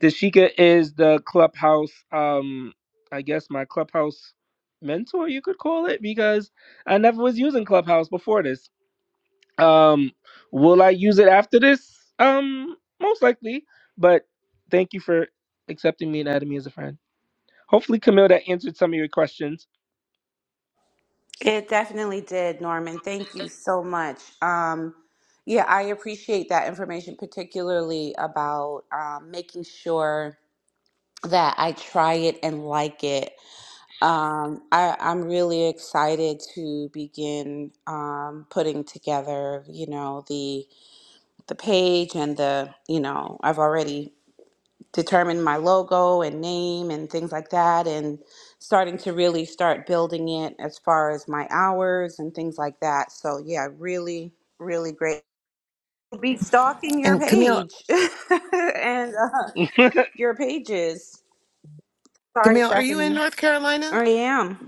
[SPEAKER 2] Dashika is the clubhouse, um, I guess my clubhouse mentor, you could call it, because I never was using clubhouse before this. Um, will I use it after this? Um, most likely, but thank you for accepting me and adding me as a friend. Hopefully, Camille, that answered some of your questions.
[SPEAKER 4] It definitely did, Norman. Thank you so much. Um, yeah, I appreciate that information, particularly about um, making sure that I try it and like it. Um, I, I'm really excited to begin um, putting together, you know, the the page and the, you know, I've already determine my logo and name and things like that and starting to really start building it as far as my hours and things like that so yeah really really great be stalking your
[SPEAKER 1] And Camille,
[SPEAKER 4] page and uh, your pages sorry
[SPEAKER 1] Camille, are you in
[SPEAKER 4] Stephanie.
[SPEAKER 1] North Carolina?
[SPEAKER 4] i am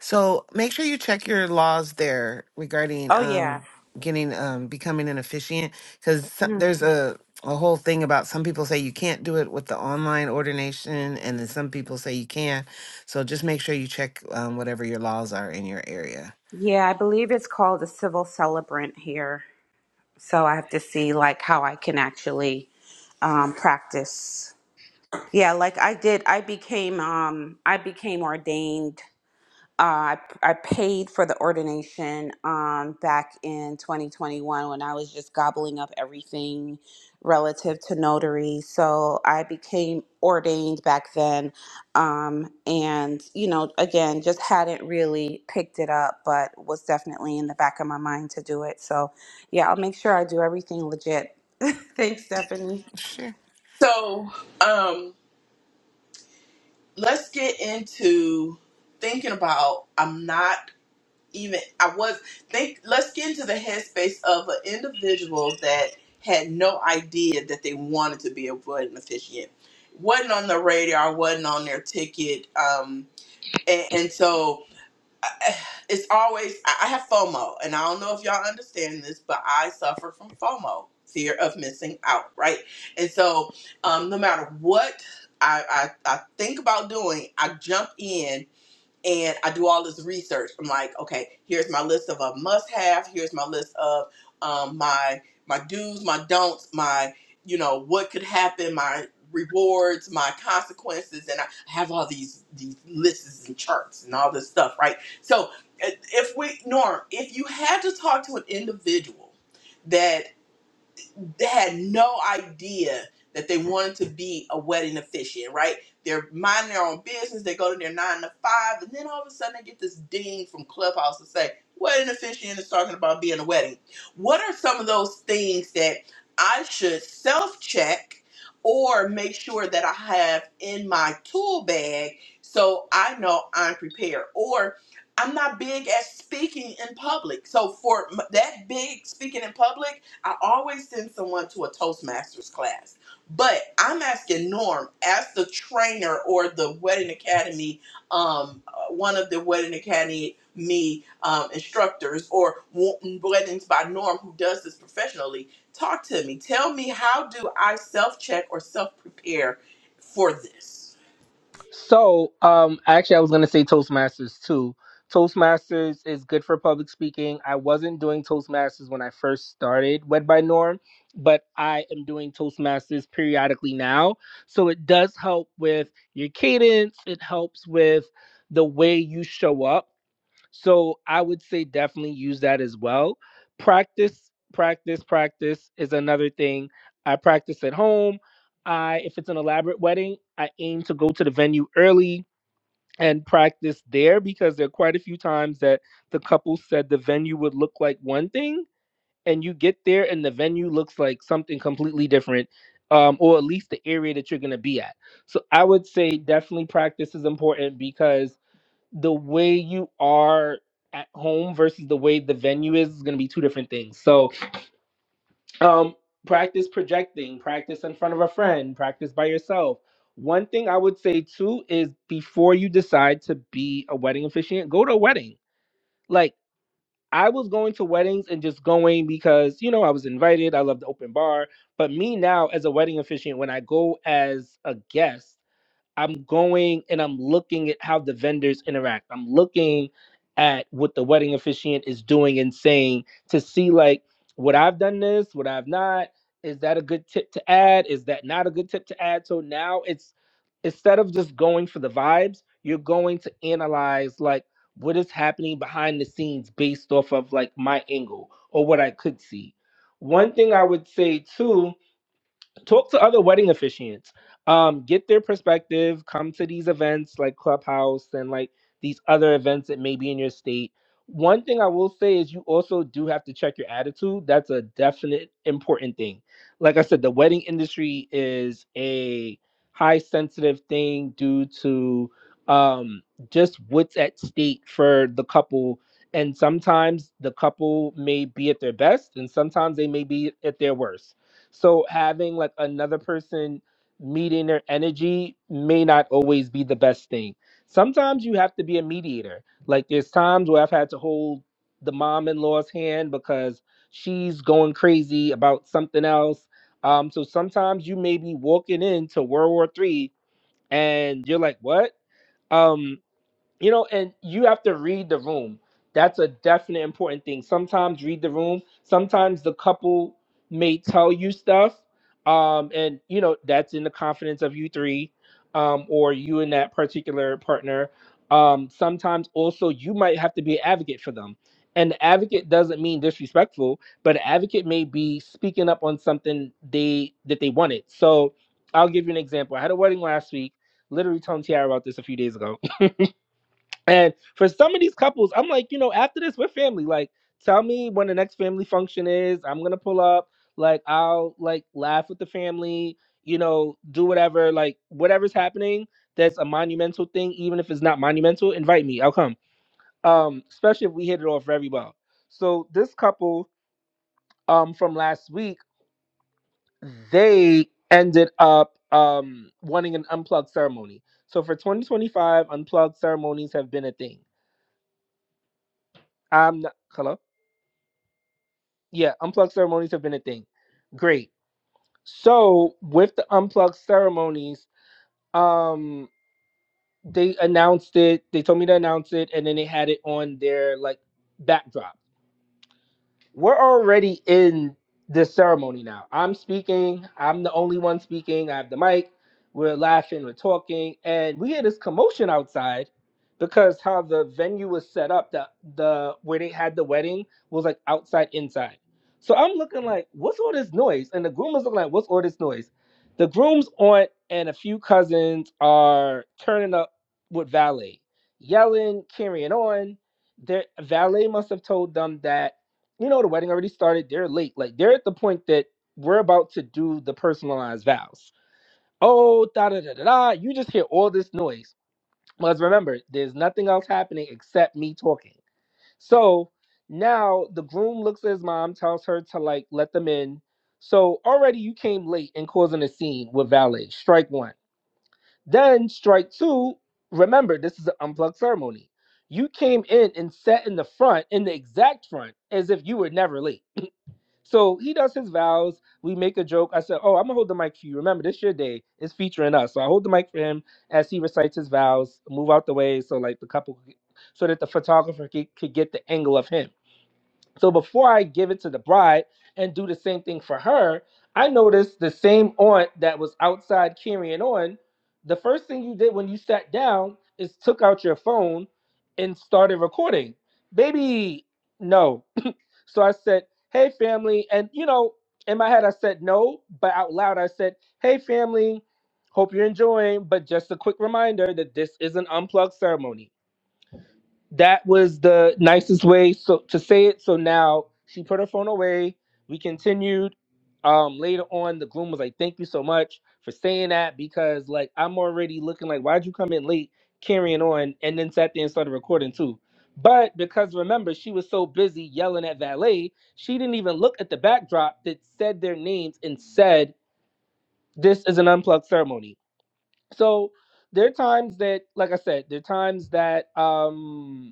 [SPEAKER 1] So make sure you check your laws there regarding
[SPEAKER 4] oh yeah
[SPEAKER 1] um getting um becoming an officiant because
[SPEAKER 4] Mm.
[SPEAKER 1] there's a a whole thing about some people say you can't do it with the online ordination and then some people say you can. So just make sure you check um, whatever your laws are in your area.
[SPEAKER 4] yeah i believe it's called a civil celebrant here so i have to see like how i can actually um, practice Yeah, like I did, I became um I became ordained. Uh, I, I paid for the ordination um back in 2021 when I was just gobbling up everything relative to notary. So I became ordained back then. Um and you know, again, just hadn't really picked it up, but was definitely in the back of my mind to do it. So yeah, I'll make sure I do everything legit. Thanks, Stephanie.
[SPEAKER 1] Sure.
[SPEAKER 3] So, um, let's get into thinking about. I'm not. even I was think let's get into the headspace of an individual that had no idea that they wanted to be a wedding officiant. Wasn't on the radar, wasn't on their ticket. Um and, and so I- it's always I I have FOMO and I don't know if y'all understand this, but I suffer from FOMO, fear of missing out, right? And so um no matter what I, I, I think about doing, I jump in and I do all this research. I'm like, okay, here's my list of a must have. Here's my list of um, my my do's, my don'ts, my you know what could happen, my rewards, my consequences, and I have all these these lists and charts and all this stuff, right? So if we Norm, if you had to talk to an individual that they had no idea that they wanted to be a wedding officiant, right? They're minding their own business. They go to their nine to five, and then all of a sudden they get this ding from Clubhouse to say, wedding officiant is talking about being a wedding. What are some of those things that I should self check or make sure that I have in my tool bag so I know I'm prepared? Or I'm not big at speaking in public. So for m- that big speaking in public, I always send someone to a Toastmasters class, but I'm asking Norm as the trainer or the Wedding Academy, um, uh, one of the Wedding Academy me um, instructors or Wo- weddings by Norm who does this professionally. Talk to me. Tell me how do I self check or self prepare for this?
[SPEAKER 2] So, um, actually, I was gonna say Toastmasters too. Toastmasters is good for public speaking. I wasn't doing Toastmasters when I first started Wed by Norm, but I am doing Toastmasters periodically now. So it does help with your cadence. It helps with the way you show up. So I would say definitely use that as well. Practice, practice, practice is another thing. I practice at home. I if it's an elaborate wedding, I aim to go to the venue early and practice there because there are quite a few times that the couple said the venue would look like one thing and you get there and the venue looks like something completely different um, or at least the area that you're going to be at. So I would say definitely practice is important because the way you are at home versus the way the venue is is going to be two different things. So, um, practice projecting, practice in front of a friend, practice by yourself. One thing I would say too is before you decide to be a wedding officiant, go to a wedding. Like I was going to weddings and just going because you know I was invited. I love the open bar, but me now as a wedding officiant, when I go as a guest. I'm going and I'm looking at how the vendors interact. I'm looking at what the wedding officiant is doing and saying to see like what I've done this, what I've not. Is that a good tip to add? Is that not a good tip to add? So now it's instead of just going for the vibes, you're going to analyze like what is happening behind the scenes based off of like my angle or what I could see. One thing I would say too talk to other wedding officiants um get their perspective come to these events like clubhouse and like these other events that may be in your state one thing i will say is you also do have to check your attitude that's a definite important thing like i said the wedding industry is a high sensitive thing due to um just what's at stake for the couple and sometimes the couple may be at their best and sometimes they may be at their worst so having like another person meeting their energy may not always be the best thing. Sometimes you have to be a mediator. Like there's times where I've had to hold the mom-in-law's hand because she's going crazy about something else. Um, so sometimes you may be walking into World War Three and you're like, what? Um you know, and you have to read the room. That's a definite important thing. Sometimes read the room. Sometimes the couple may tell you stuff, um, and you know that's in the confidence of you three, um, or you and that particular partner. Um, sometimes also you might have to be an advocate for them, and the advocate doesn't mean disrespectful, but an advocate may be speaking up on something they that they wanted. So I'll give you an example. I had a wedding last week. Literally telling Tiara about this a few days ago and for some of these couples, I'm like, you know, after this, we're family. Like, tell me when the next family function is. I'm gonna pull up. Like, I'll like laugh with the family. You know, do whatever. Like, whatever's happening. That's a monumental thing. Even if it's not monumental, invite me. I'll come. Um, especially if we hit it off very well. So this couple, um, from last week, they ended up um wanting an unplugged ceremony. So for 2025, unplugged ceremonies have been a thing. I'm not, hello. Yeah, unplugged ceremonies have been a thing. Great. So with the unplugged ceremonies, um, they announced it. They told me to announce it, and then they had it on their like backdrop we're already in this ceremony now. I'm speaking. I'm the only one speaking. I have the mic. We're laughing. We're talking, and we hear this commotion outside because how the venue was set up. The the where they had the wedding was like outside, inside. So I'm looking like, what's all this noise? And the groom is looking like, what's all this noise? The groom's aunt and a few cousins are turning up with valet, yelling, carrying on. Their valet must have told them that you know the wedding already started they're late like they're at the point that we're about to do the personalized vows oh da da da da da you just hear all this noise because remember there's nothing else happening except me talking so now the groom looks at his mom tells her to like let them in so already you came late and causing a scene with valet strike one then strike two remember this is an unplugged ceremony you came in and sat in the front in the exact front as if you were never late so he does his vows. We make a joke. I said, Oh, I'm gonna hold the mic for you. Remember, this your day. It's featuring us. So I hold the mic for him as he recites his vows, move out the way so like the couple so that the photographer could, could get the angle of him. So before I give it to the bride and do the same thing for her, I noticed the same aunt that was outside carrying on. The first thing you did when you sat down is took out your phone and started recording. Baby, no. So I said, "Hey, family," and you know, in my head I said no, but out loud I said, "Hey, family." Hope you're enjoying, but just a quick reminder that this is an unplugged ceremony that was the nicest way so to say it. So now she put her phone away. We continued. Um, later on, the groom was like, "Thank you so much for saying that because like I'm already looking like why'd you come in late, carrying on, and then sat there and started recording too." But because remember, she was so busy yelling at valet, she didn't even look at the backdrop that said their names and said, "This is an unplugged ceremony." So there are times that, like I said, there are times that um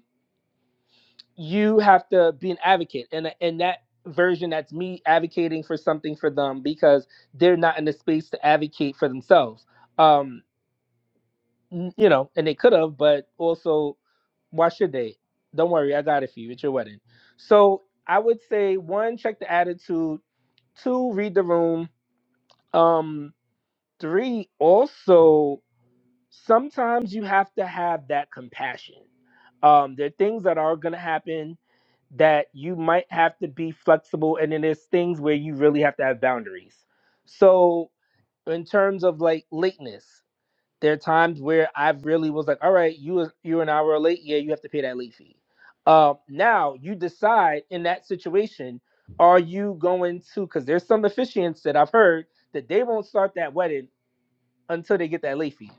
[SPEAKER 2] you have to be an advocate and and that version that's me advocating for something for them because they're not in the space to advocate for themselves um you know and they could have but also why should they don't worry i got it for you it's your wedding so i would say one check the attitude two read the room um three also sometimes you have to have that compassion um there are things that are going to happen that you might have to be flexible and then there's things where you really have to have boundaries so in terms of like lateness there are times where i really was like all right you you're an hour late yeah you have to pay that late fee um, now you decide in that situation are you going to because there's some officiants that i've heard that they won't start that wedding until they get that late fee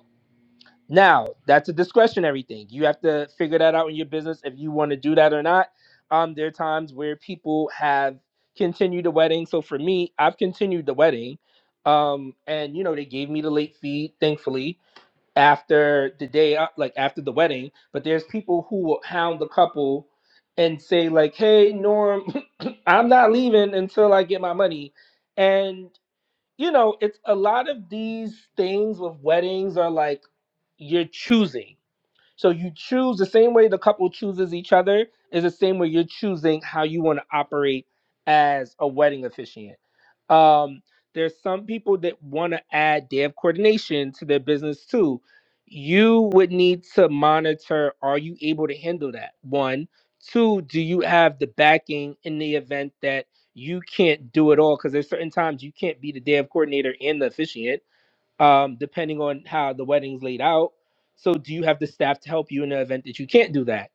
[SPEAKER 2] now, that's a discretionary thing. You have to figure that out in your business if you want to do that or not. Um, there are times where people have continued the wedding. So for me, I've continued the wedding. Um, and you know, they gave me the late fee, thankfully, after the day, uh, like after the wedding. But there's people who will hound the couple and say, like, hey, Norm, I'm not leaving until I get my money. And you know, it's a lot of these things with weddings are like you're choosing. So you choose the same way the couple chooses each other is the same way you're choosing how you want to operate as a wedding officiant. Um, there's some people that want to add day of coordination to their business too. You would need to monitor are you able to handle that? One. Two, do you have the backing in the event that you can't do it all? Because there's certain times you can't be the day of coordinator and the officiant um, depending on how the wedding's laid out. So, do you have the staff to help you in the event that you can't do that?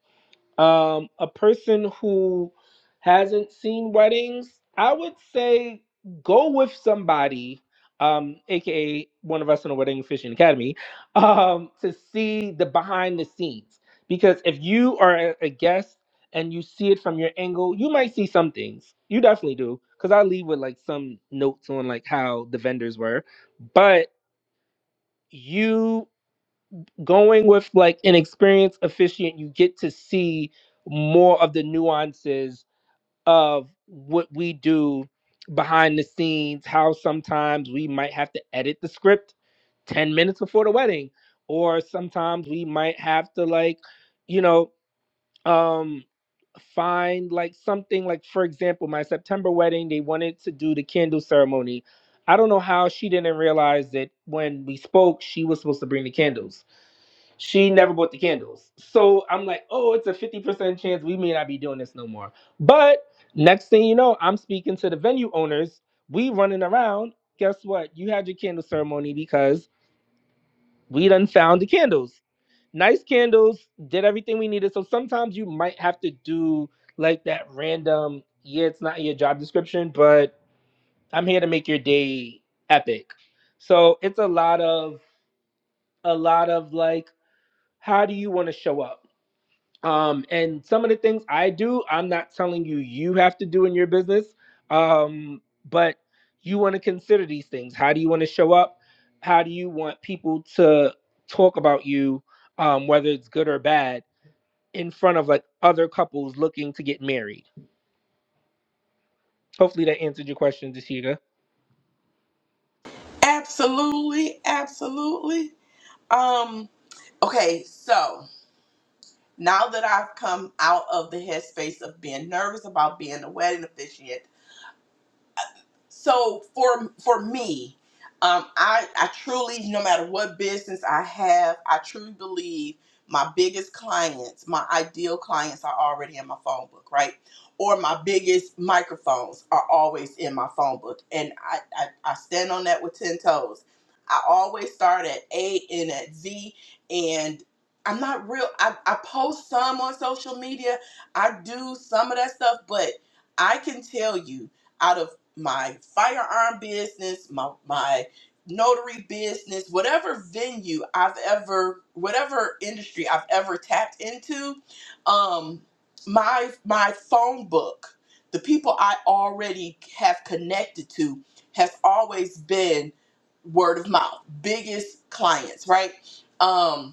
[SPEAKER 2] Um, a person who hasn't seen weddings, I would say go with somebody, um, aka one of us in the Wedding Fishing Academy, um, to see the behind the scenes. Because if you are a a guest and you see it from your angle, you might see some things. You definitely do. Because I leave with like some notes on like how the vendors were, but you going with like an experienced officiant, you get to see more of the nuances of what we do behind the scenes, how sometimes we might have to edit the script 10 minutes before the wedding, or sometimes we might have to like, you know, um find like something like for example, my September wedding, they wanted to do the candle ceremony. I don't know how she didn't realize that when we spoke, she was supposed to bring the candles she never bought the candles. So I'm like, oh, it's a 50% chance we may not be doing this no more. But next thing you know, I'm speaking to the venue owners. We running around. Guess what? You had your candle ceremony because we done found the candles. Nice candles, did everything we needed. So sometimes you might have to do like that random, yeah, it's not in your job description, but I'm here to make your day epic. So it's a lot of a lot of like, how do you want to show up? um, and some of the things I do, I'm not telling you you have to do in your business, um, but you want to consider these things. How do you want to show up? How do you want people to talk about you, um, whether it's good or bad, in front of like other couples looking to get married? Hopefully that answered your question, Deshita.
[SPEAKER 3] Absolutely, absolutely. Um, okay, so. now that I've come out of the headspace of being nervous about being the wedding officiant so for for me um i i truly no matter what business i have i truly believe my biggest clients my ideal clients are already in my phone book right or my biggest microphones are always in my phone book and i i, I stand on that with 10 toes i always start at a and at z and i'm not real i, I post some on social media i do some of that stuff but i can tell you out of my firearm business, my my notary business, whatever venue I've ever, whatever industry I've ever tapped into, um, my my phone book, the people I already have connected to, has always been word of mouth, biggest clients, right? Um,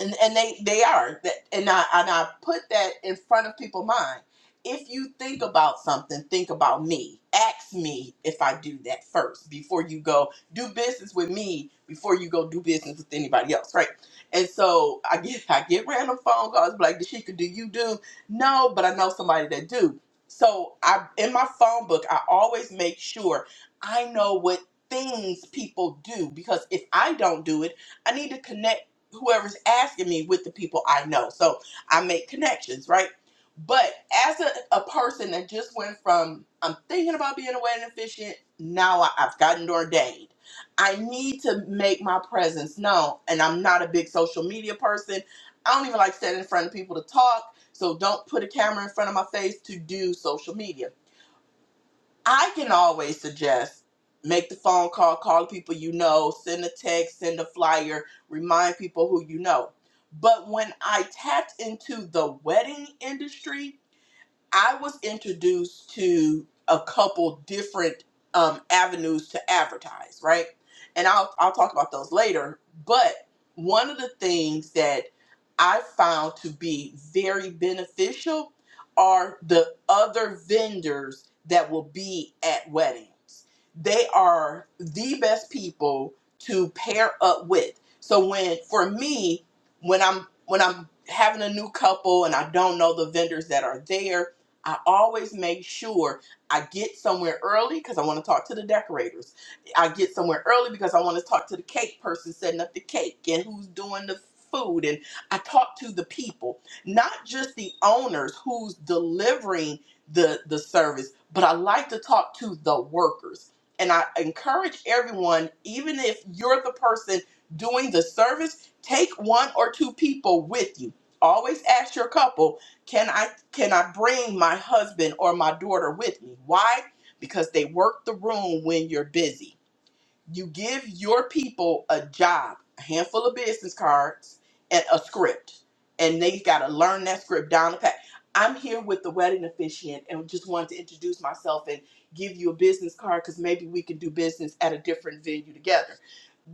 [SPEAKER 3] and and they they are that and i and i put that in front of people's mind if you think about something think about me ask me if i do that first before you go do business with me before you go do business with anybody else right and so i get i get random phone calls like Dashika, do you do no but i know somebody that do so i in my phone book i always make sure i know what things people do because if i don't do it I need to connect whoever's asking me with the people I know. So I make connections, right? But as a, a person that just went from I'm thinking about being a wedding officiant, now I, I've gotten ordained. I need to make my presence known. And I'm not a big social media person. I don't even like standing in front of people to talk. So don't put a camera in front of my face to do social media. I can always suggest make the phone call, call the people you know, send a text, send a flyer, remind people who you know. But when I tapped into the wedding industry, I was introduced to a couple different um, avenues to advertise, right? And I'll I'll talk about those later. But one of the things that I found to be very beneficial are the other vendors that will be at weddings. They are the best people to pair up with. So when for me, when I'm when I'm having a new couple and I don't know the vendors that are there, I always make sure I get somewhere early because I want to talk to the decorators. I get somewhere early because I want to talk to the cake person setting up the cake and who's doing the food. And I talk to the people, not just the owners who's delivering the, the service, but I like to talk to the workers. And I encourage everyone, even if you're the person doing the service, take one or two people with you. Always ask your couple, can I? can I bring my husband or my daughter with me? Why? Because they work the room when you're busy. You give your people a job, a handful of business cards, and a script, and they've got to learn that script down the pat. I'm here with the wedding officiant and just wanted to introduce myself and give you a business card because maybe we can do business at a different venue together.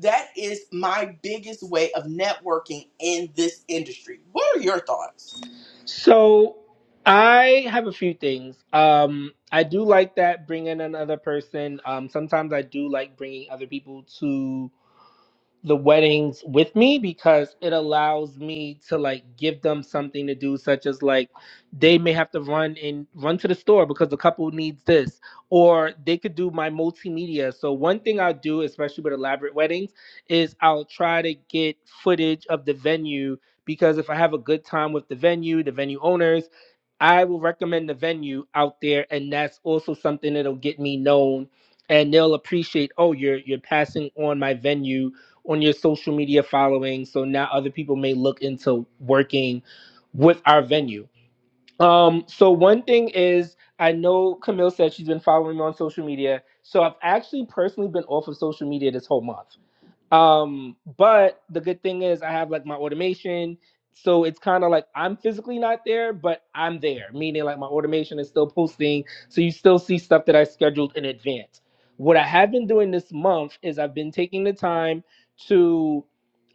[SPEAKER 3] That is my biggest way of networking in this industry. What are your thoughts?
[SPEAKER 2] So I have a few things. Um, I do like that bringing another person. Um, sometimes I do like bringing other people to the weddings with me because it allows me to like give them something to do such as like they may have to run and run to the store because the couple needs this or they could do my multimedia so one thing i'll do especially with elaborate weddings is i'll try to get footage of the venue because if i have a good time with the venue the venue owners I will recommend the venue out there, and that's also something that'll get me known, and they'll appreciate. Oh, you're you're passing on my venue on your social media following, so now other people may look into working with our venue. Um, so one thing is, I know Camille said she's been following me on social media, so I've actually personally been off of social media this whole month. Um, but the good thing is I have like my automation. So it's kind of like I'm physically not there, but I'm there, meaning like my automation is still posting. So you still see stuff that I scheduled in advance. What I have been doing this month is I've been taking the time to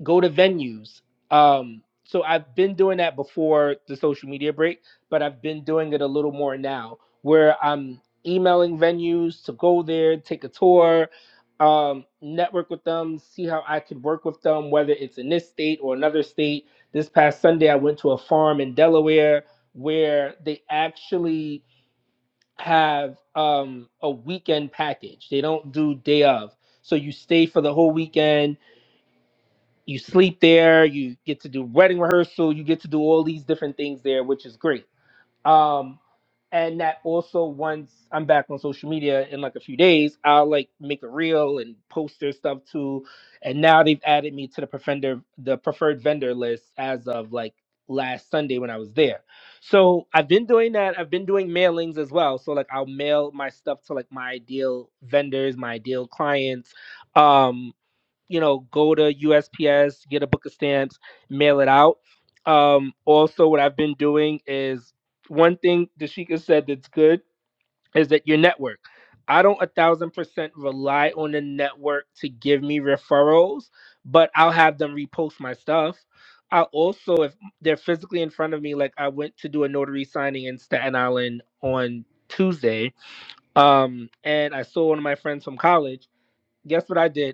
[SPEAKER 2] go to venues. Um, so I've been doing that before the social media break, but I've been doing it a little more now where I'm emailing venues to go there, take a tour, um, network with them, see how I could work with them, whether it's in this state or another state. This past Sunday, I went to a farm in Delaware where they actually have um, a weekend package. They don't do day of. So you stay for the whole weekend, you sleep there, you get to do wedding rehearsal, you get to do all these different things there, which is great. Um, and that also once I'm back on social media in like a few days, I'll like make a reel and post their stuff too. And now they've added me to the prefender the preferred vendor list as of like last Sunday when I was there. So I've been doing that. I've been doing mailings as well. So like I'll mail my stuff to like my ideal vendors, my ideal clients. Um you know, go to USPS, get a book of stamps, mail it out. Um, also, what I've been doing is one thing Dashika said that's good is that your network. I don't a thousand percent rely on the network to give me referrals, but I'll have them repost my stuff. I also, if they're physically in front of me, like I went to do a notary signing in Staten Island on Tuesday, um, and I saw one of my friends from college. Guess what I did?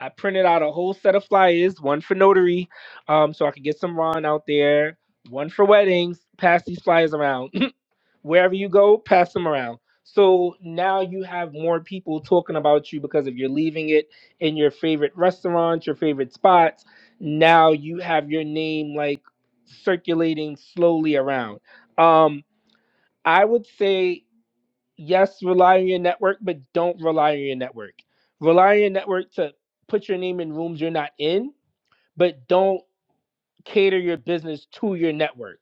[SPEAKER 2] I printed out a whole set of flyers, one for notary, um, so I could get some Ron out there, one for weddings, pass these flyers around. Wherever you go, pass them around. So now you have more people talking about you because if you're leaving it in your favorite restaurants, your favorite spots, now you have your name like circulating slowly around. Um, I would say yes, rely on your network, but don't rely on your network. Rely on your network to put your name in rooms you're not in, but don't cater your business to your network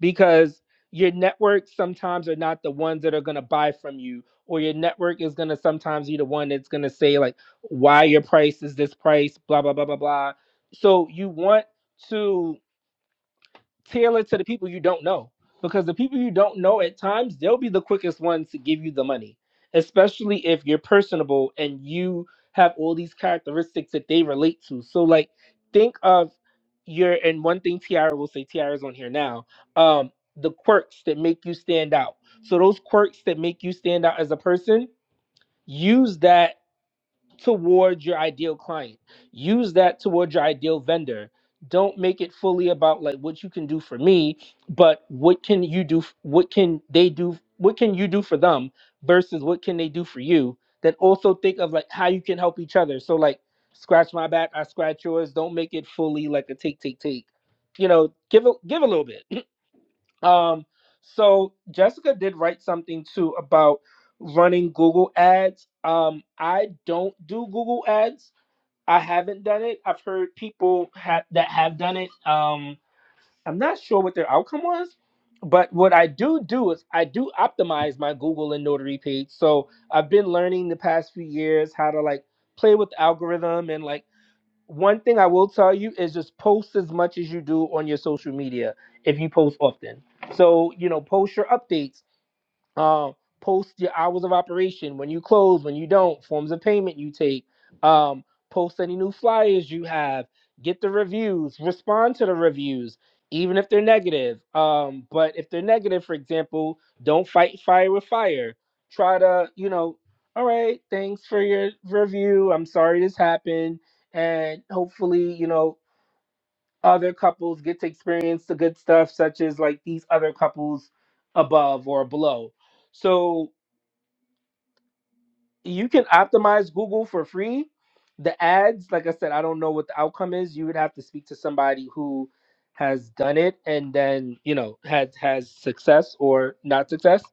[SPEAKER 2] because your network sometimes are not the ones that are going to buy from you or your network is going to sometimes be the one that's going to say like why your price is this price blah blah blah blah blah so you want to tailor to the people you don't know because the people you don't know at times they'll be the quickest ones to give you the money especially if you're personable and you have all these characteristics that they relate to so like think of your and one thing tiara will say tiara's on here now um the quirks that make you stand out so those quirks that make you stand out as a person use that towards your ideal client. Use that towards your ideal vendor. Don't make it fully about like what you can do for me, but what can you do? f- What can they do? What can you do for them versus what can they do for you? Then also think of like how you can help each other. So like scratch my back, I scratch yours. Don't make it fully like a take, take, take. You know, give a give a little bit um, so Jessica did write something too about running Google ads. Um, I don't do Google ads. I haven't done it. I've heard people ha- that have done it. Um, I'm not sure what their outcome was, but what I do do is I do optimize my Google and Notary page. So I've been learning the past few years how to like play with the algorithm and like one thing I will tell you is just post as much as you do on your social media if you post often. So, you know, post your updates, uh, post your hours of operation when you close when you don't forms of payment you take um, post any new flyers you have get the reviews respond to the reviews even if they're negative um, but if they're negative for example don't fight fire with fire try to you know all right thanks for your review i'm sorry this happened and hopefully you know other couples get to experience the good stuff, such as like these other couples above or below. So you can optimize Google for free. The ads, like I said, I don't know what the outcome is. You would have to speak to somebody who has done it and then you know has has success or not success.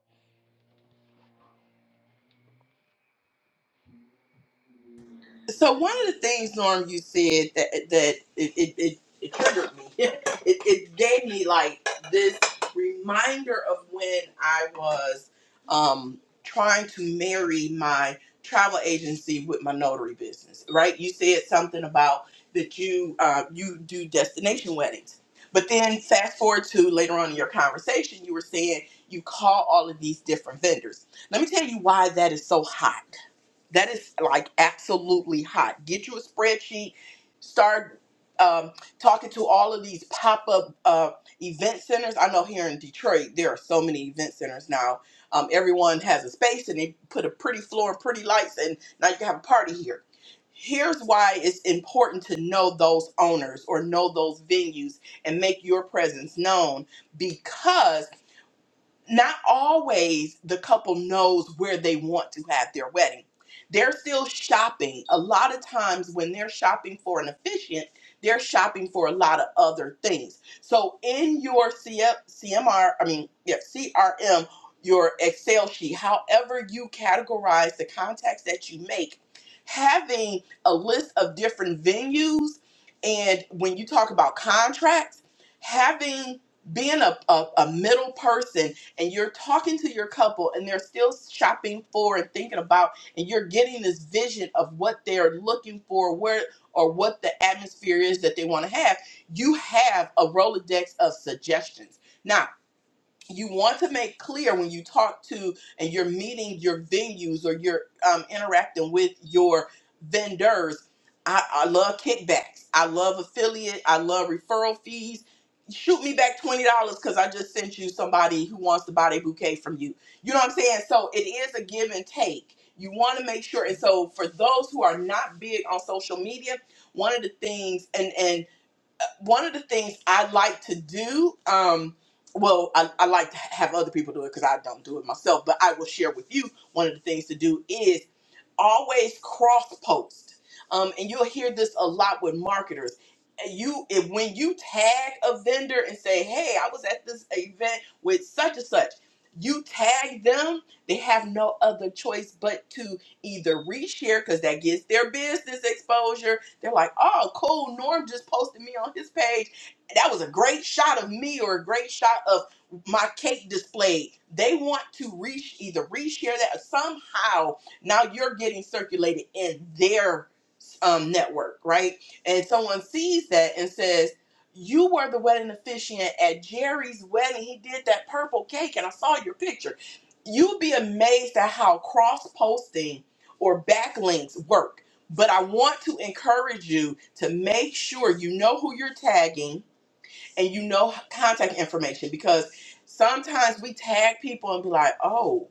[SPEAKER 3] So one of the things, Norm, you said that that it it, it, it triggered me. it, it gave me like this reminder of when I was um, trying to marry my travel agency with my notary business. Right? You said something about that you uh, you do destination weddings, but then fast forward to later on in your conversation, you were saying you call all of these different vendors. Let me tell you why that is so hot that is like absolutely hot. Get you a spreadsheet. Start um, talking to all of these pop up uh, event centers. I know here in Detroit there are so many event centers now. Um, everyone has a space and they put a pretty floor and pretty lights, and now you can have a party here. Here's why it's important to know those owners or know those venues and make your presence known because not always the couple knows where they want to have their wedding. They're still shopping. A lot of times when they're shopping for an officiant, they're shopping for a lot of other things. So in your CF, CMR, I mean, yeah, CRM, your Excel sheet, however you categorize the contacts that you make, having a list of different venues and when you talk about contracts, having being a, a, a middle person and you're talking to your couple and they're still shopping for and thinking about and you're getting this vision of what they're looking for where or what the atmosphere is that they want to have you have a rolodex of suggestions now you want to make clear when you talk to and you're meeting your venues or you're um, interacting with your vendors. I, I love kickbacks. I love affiliate. I love referral fees. Shoot me back twenty dollars because I just sent you somebody who wants to buy a bouquet from you. You know what I'm saying? So it is a give and take. You want to make sure. And so for those who are not big on social media, one of the things, and and one of the things I like to do, um, well, I, I like to have other people do it because I don't do it myself, but I will share with you one of the things to do is always cross post um, and you'll hear this a lot with marketers you if, when you tag a vendor and say hey i was at this event with such and such you tag them they have no other choice but to either reshare because that gets their business exposure they're like oh cool norm just posted me on his page that was a great shot of me or a great shot of my cake displayed they want to reach either reshare that or somehow now you're getting circulated in their um, network, right? And someone sees that and says, "You were the wedding officiant at Jerry's wedding. He did that purple cake, and I saw your picture." You'd be amazed at how cross-posting or backlinks work. But I want to encourage you to make sure you know who you're tagging and you know contact information because sometimes we tag people and be like, "Oh."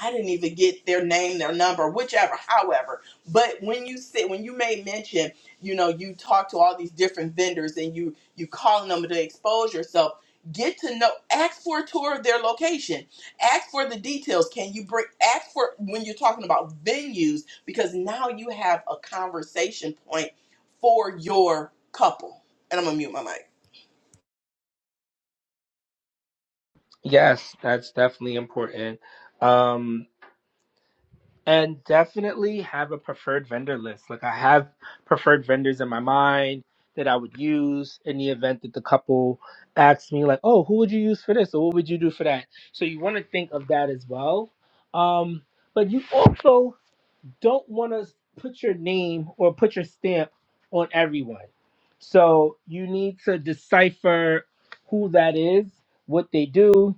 [SPEAKER 3] I didn't even get their name, their number, whichever, however. But when you sit, when you made mention, you know, you talk to all these different vendors and you you calling them to expose yourself. Get to know, ask for a tour of their location, ask for the details. Can you bring, ask for when you're talking about venues, because now you have a conversation point for your couple. And I'm gonna mute my mic.
[SPEAKER 2] Yes, that's definitely important. Um, and definitely have a preferred vendor list. Like I have preferred vendors in my mind that I would use in the event that the couple asks me like, "Oh, who would you use for this? Or what would you do for that?" So you want to think of that as well. Um, but you also don't want to put your name or put your stamp on everyone. So you need to decipher who that is, what they do,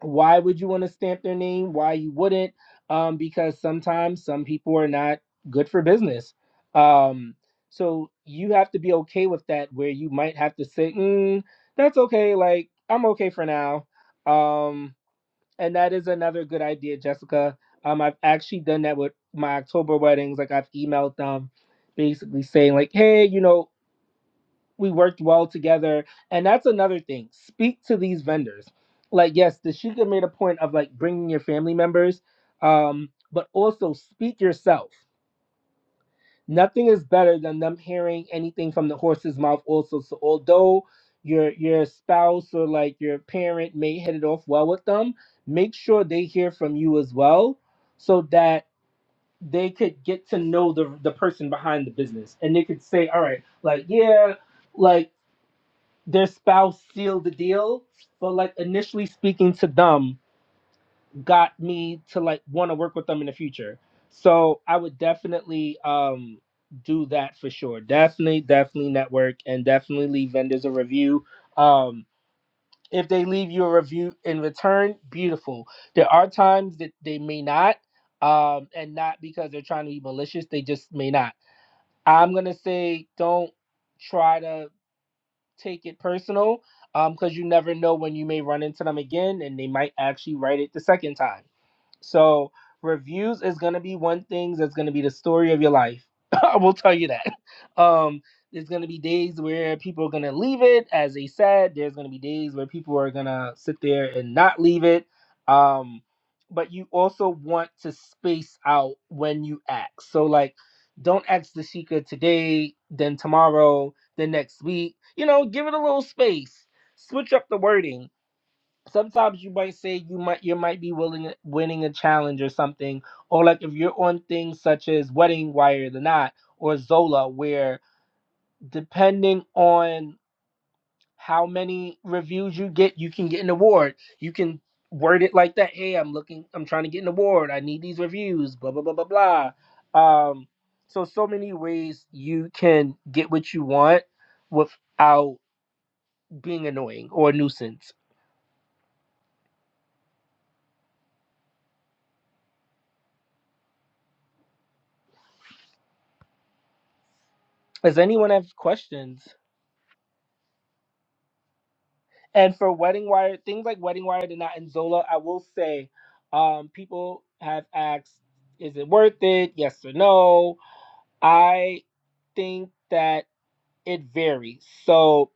[SPEAKER 2] why would you want to stamp their name why you wouldn't um, because sometimes some people are not good for business um, so you have to be okay with that where you might have to say mm, that's okay like i'm okay for now um, and that is another good idea jessica um, i've actually done that with my october weddings like i've emailed them basically saying like hey you know we worked well together and that's another thing speak to these vendors like yes dashika made a point of like bringing your family members um but also speak yourself nothing is better than them hearing anything from the horse's mouth also so although your your spouse or like your parent may hit it off well with them make sure they hear from you as well so that they could get to know the the person behind the business and they could say all right like yeah like their spouse sealed the deal, but like initially speaking to them got me to like want to work with them in the future. So I would definitely um do that for sure. Definitely, definitely network and definitely leave vendors a review. Um if they leave you a review in return, beautiful. There are times that they may not, um, and not because they're trying to be malicious, they just may not. I'm gonna say don't try to take it personal um, because you never know when you may run into them again and they might actually write it the second time. So reviews is gonna be one thing that's gonna be the story of your life. I will tell you that. Um, there's gonna be days where people are gonna leave it, as they said. There's gonna be days where people are gonna sit there and not leave it. Um, but you also want to space out when you ask. So like, don't ask the Sheikah today, then tomorrow, then next week. You know, give it a little space. Switch up the wording sometimes you might say you might you might be willing winning a challenge or something or like if you're on things such as wedding wire the knot or zola where depending on how many reviews you get you can get an award you can word it like that hey i'm looking i'm trying to get an award i need these reviews blah blah blah blah blah um so so many ways you can get what you want without being annoying or a nuisance does anyone have questions And for Wedding Wire, things like Wedding Wire did not and Zola, I will say, um, people have asked, is it worth it? Yes or no. I think that it varies. So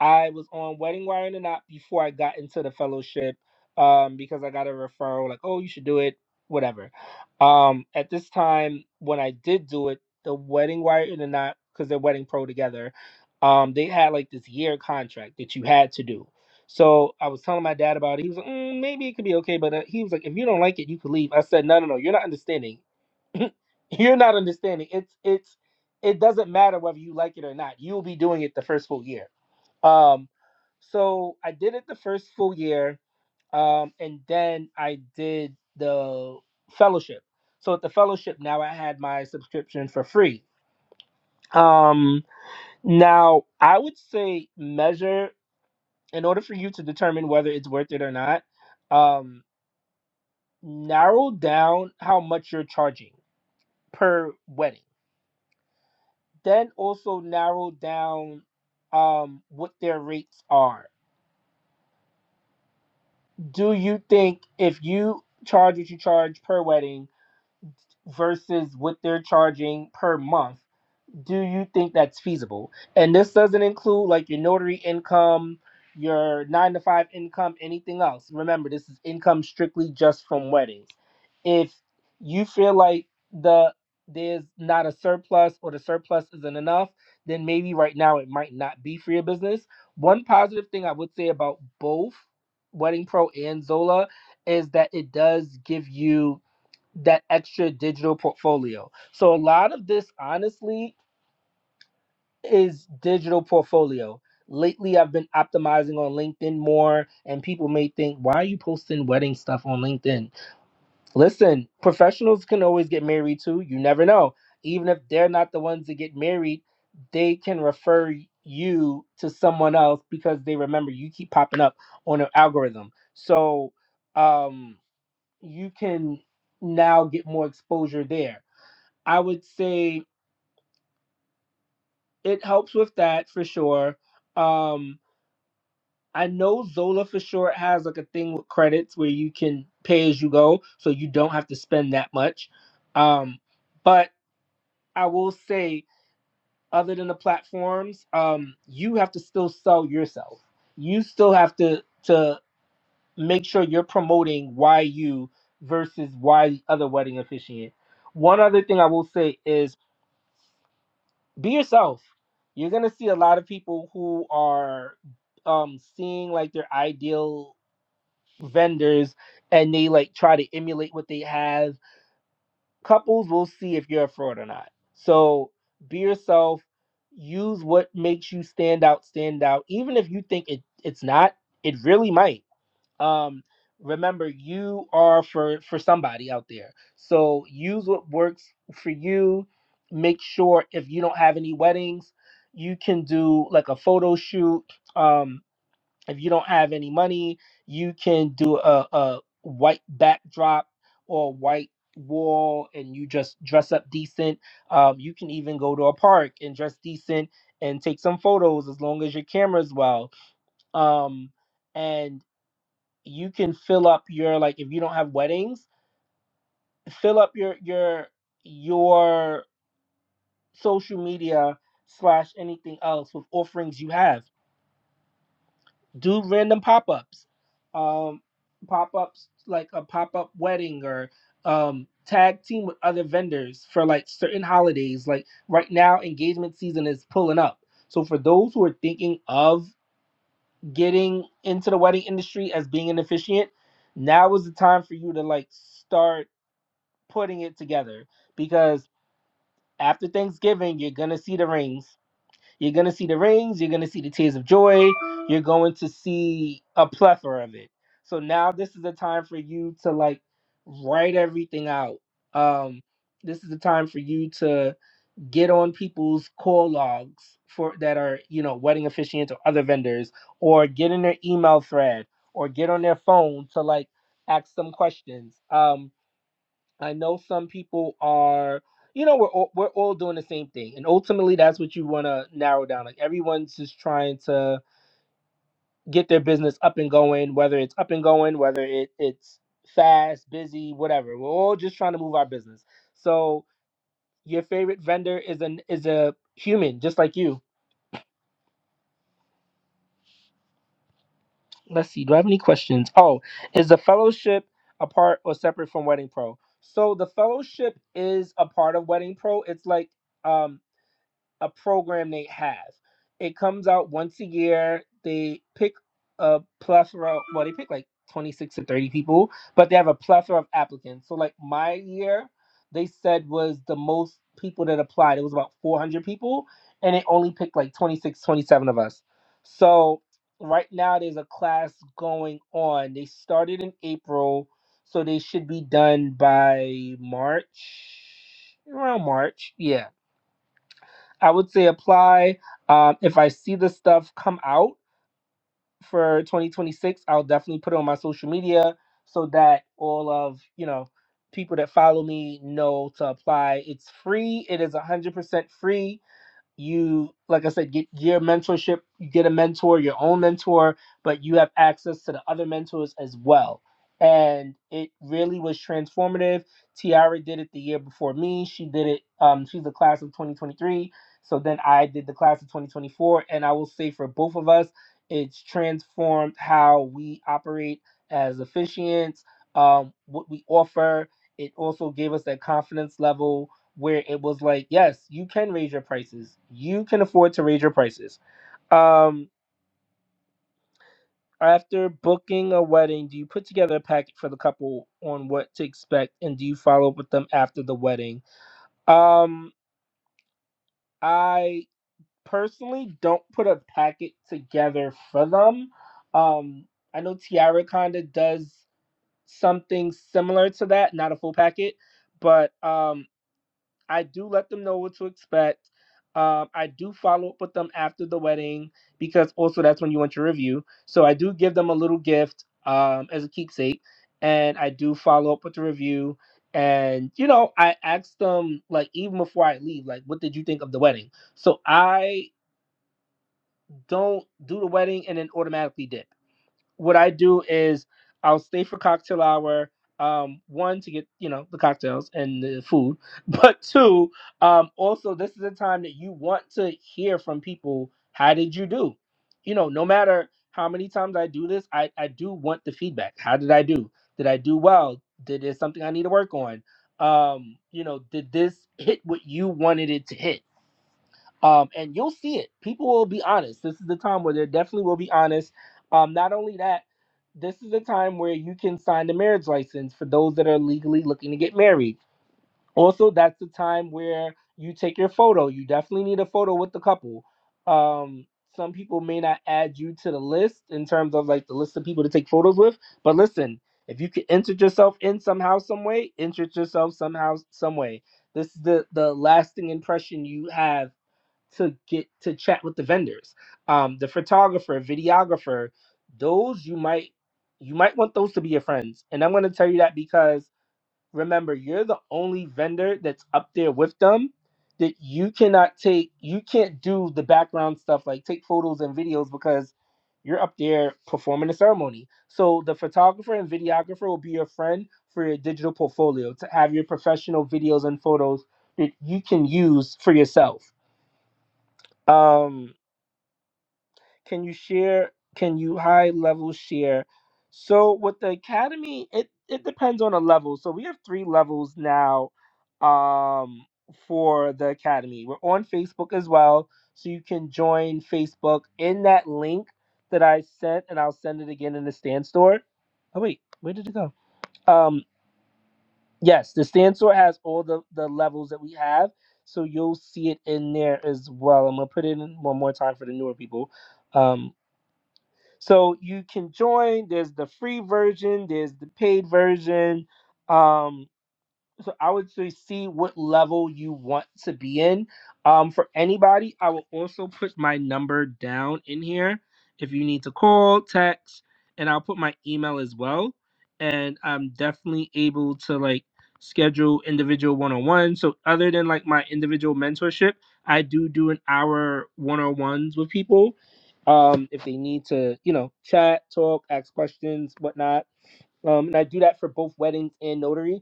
[SPEAKER 2] I was on Wedding Wire and Not before I got into the fellowship um, because I got a referral, like, oh, you should do it, whatever. Um, at this time, when I did do it, the Wedding Wire and Not, because they're Wedding Pro together, um, they had like this year contract that you had to do. So I was telling my dad about it. He was like, mm, maybe it could be okay. But uh, he was like, if you don't like it, you could leave. I said, no, no, no, you're not understanding. You're not understanding. It's it's it doesn't matter whether you like it or not. You'll be doing it the first full year. Um, so I did it the first full year, um, and then I did the fellowship. So at the fellowship, now I had my subscription for free. Um, now I would say measure in order for you to determine whether it's worth it or not. Um, narrow down how much you're charging per wedding. then also narrow down um what their rates are. Do you think if you charge what you charge per wedding versus what they're charging per month? do you think that's feasible? And this doesn't include like your notary income, your nine to five income, anything else. Remember, this is income strictly just from weddings. If you feel like the there's not a surplus or the surplus isn't enough, then maybe right now it might not be for your business. One positive thing I would say about both Wedding Pro and Zola is that it does give you that extra digital portfolio. So a lot of this honestly is digital portfolio. Lately, I've been optimizing on LinkedIn more, and people may think, why are you posting wedding stuff on LinkedIn? Listen, professionals can always get married too. You never know. Even if they're not the ones that get married, they can refer you to someone else because they remember you keep popping up on their algorithm. So um, you can now get more exposure there. I would say it helps with that for sure. Um, I know Zola for sure has like a thing with credits where you can pay as you go, so you don't have to spend that much. Um, but I will say, other than the platforms, um, you have to still sell yourself. You still have to to make sure you're promoting why you versus why the other wedding officiant. One other thing I will say is be yourself. You're gonna see a lot of people who are um, seeing like their ideal vendors and they like try to emulate what they have. Couples will see if you're a fraud or not. So be yourself. Use what makes you stand out, stand out. Even if you think it, it's not, it really might. Um, remember, you are for for somebody out there. So use what works for you. Make sure if you don't have any weddings, you can do like a photo shoot. Um, if you don't have any money, you can do a, a white backdrop or white wall and you just dress up decent. Um, you can even go to a park and dress decent and take some photos as long as your camera's well um and you can fill up your like if you don't have weddings fill up your your your social media slash anything else with offerings you have do random pop-ups um pop-ups like a pop-up wedding or um tag team with other vendors for like certain holidays like right now engagement season is pulling up so for those who are thinking of getting into the wedding industry as being an officiant now is the time for you to like start putting it together because after thanksgiving you're gonna see the rings you're going to see the rings. You're going to see the tears of joy. You're going to see a plethora of it. So now this is a time for you to like write everything out. Um, this is the time for you to get on people's call logs for that are you know wedding officiants or other vendors, or get in their email thread, or get on their phone to like ask them questions. Um, I know some people are, you know, we're all, we're all doing the same thing, and ultimately that's what you want to narrow down. Like everyone's just trying to get their business up and going, whether it's up and going, whether it it's fast, busy, whatever. We're all just trying to move our business. So your favorite vendor is an is a human, just like you. Let's see. Do I have any questions? Oh, is the fellowship apart or separate from Wedding Pro? So the fellowship is a part of Wedding Pro. It's like um a program they have. It comes out once a year. They pick a plethora, well, they pick like 26 to 30 people, but they have a plethora of applicants. So, like my year, they said was the most people that applied. It was about 400 people, and it only picked like 26, 27 of us. So, right now, there's a class going on. They started in April, so they should be done by March, around March. Yeah I would say apply. Um, if I see the stuff come out for 2026, I'll definitely put it on my social media so that all of you know people that follow me know to apply. It's free. It is 100% free you like i said get your mentorship you get a mentor your own mentor but you have access to the other mentors as well and it really was transformative tiara did it the year before me she did it um she's the class of 2023 so then i did the class of 2024 and i will say for both of us it's transformed how we operate as officiants um what we offer it also gave us that confidence level where it was like, yes, you can raise your prices. You can afford to raise your prices. Um, after booking a wedding, do you put together a packet for the couple on what to expect, and do you follow up with them after the wedding? Um, I personally don't put a packet together for them. Um, I know Tiara kinda does something similar to that, not a full packet, but um, I do let them know what to expect. Um, I do follow up with them after the wedding because also that's when you want your review. So I do give them a little gift um, as a keepsake, and I do follow up with the review. And you know, I ask them like even before I leave, like, what did you think of the wedding? So I don't do the wedding and then automatically dip what I do is I'll stay for cocktail hour. Um, one to get you know the cocktails and the food, but two, um, also this is a time that you want to hear from people. How did you do? You know, no matter how many times I do this, I I do want the feedback. How did I do? Did I do well? Did there something I need to work on? Um, you know, did this hit what you wanted it to hit? um, and you'll see it. People will be honest. This is the time where they definitely will be honest. Um, not only that, this is the time where you can sign the marriage license for those that are legally looking to get married. Also, that's the time where you take your photo. You definitely need a photo with the couple. Um, some people may not add you to the list in terms of like the list of people to take photos with, but listen, if you can insert yourself in somehow, some way, insert yourself somehow, some way. This is the the lasting impression you have to get to chat with the vendors um the photographer videographer those you might you might want those to be your friends and i'm going to tell you that because remember you're the only vendor that's up there with them that you cannot take you can't do the background stuff like take photos and videos because you're up there performing a ceremony so the photographer and videographer will be your friend for your digital portfolio to have your professional videos and photos that you can use for yourself um can you share can you high level share so with the academy it it depends on the level so we have three levels now um for the academy we're on facebook as well so you can join facebook in that link that i sent and i'll send it again in the stand store oh wait where did it go um yes the stand store has all the the levels that we have so you'll see it in there as well i'm gonna put it in one more time for the newer people um. So you can join. There's the free version. There's the paid version. Um, so I would say see what level you want to be in. Um, for anybody, I will also put my number down in here if you need to call, text, and I'll put my email as well. And I'm definitely able to like schedule individual one-on-one. So other than like my individual mentorship, I do do an hour one-on-ones with people. Um, if they need to, you know, chat, talk, ask questions, whatnot. Um, and I do that for both weddings and notaries.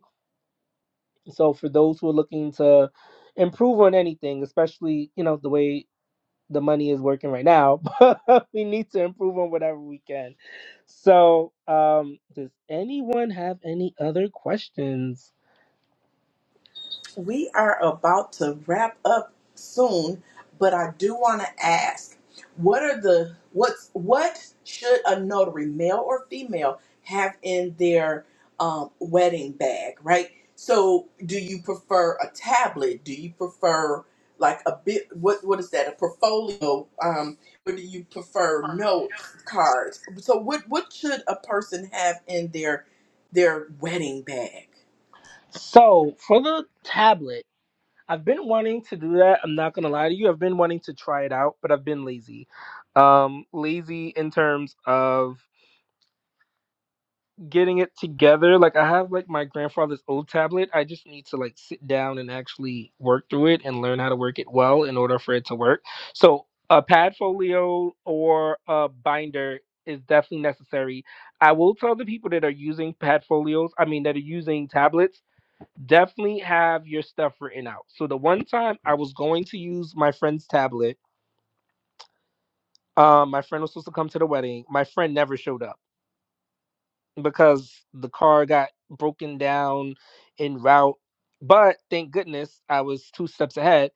[SPEAKER 2] So for those who are looking to improve on anything, especially you know the way the money is working right now, we need to improve on whatever we can. So um, does anyone have any other questions?
[SPEAKER 3] We are about to wrap up soon, but I do want to ask, what are the what's what should a notary, male or female, have in their um, wedding bag, right? So, do you prefer a tablet? Do you prefer like a bit? What what is that? A portfolio? Um, or do you prefer notes, cards? So, what what should a person have in their their wedding bag?
[SPEAKER 2] So for the tablet, I've been wanting to do that. I'm not gonna lie to you. I've been wanting to try it out, but I've been lazy. Um, lazy in terms of getting it together. Like I have like my grandfather's old tablet. I just need to like sit down and actually work through it and learn how to work it well in order for it to work. So a pad folio or a binder is definitely necessary. I will tell the people that are using pad folios, I mean that are using tablets, definitely have your stuff written out. So the one time I was going to use my friend's tablet, um, my friend was supposed to come to the wedding. My friend never showed up. because the car got broken down en route. But thank goodness I was two steps ahead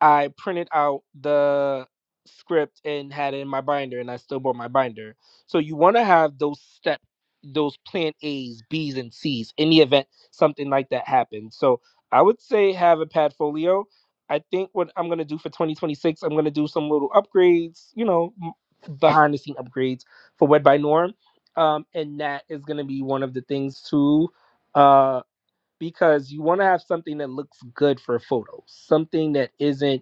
[SPEAKER 2] I printed out the script and had it in my binder, and I still bought my binder. So you want to have those step, those plan A's, B's, and C's in the event something like that happens. So I would say have a Padfolio. I think what I'm gonna do for 2026, I'm gonna do some little upgrades, you know, m- behind the scene upgrades for Wed by Norm, um, and that is gonna be one of the things too. Uh, because you want to have something that looks good for photos, something that isn't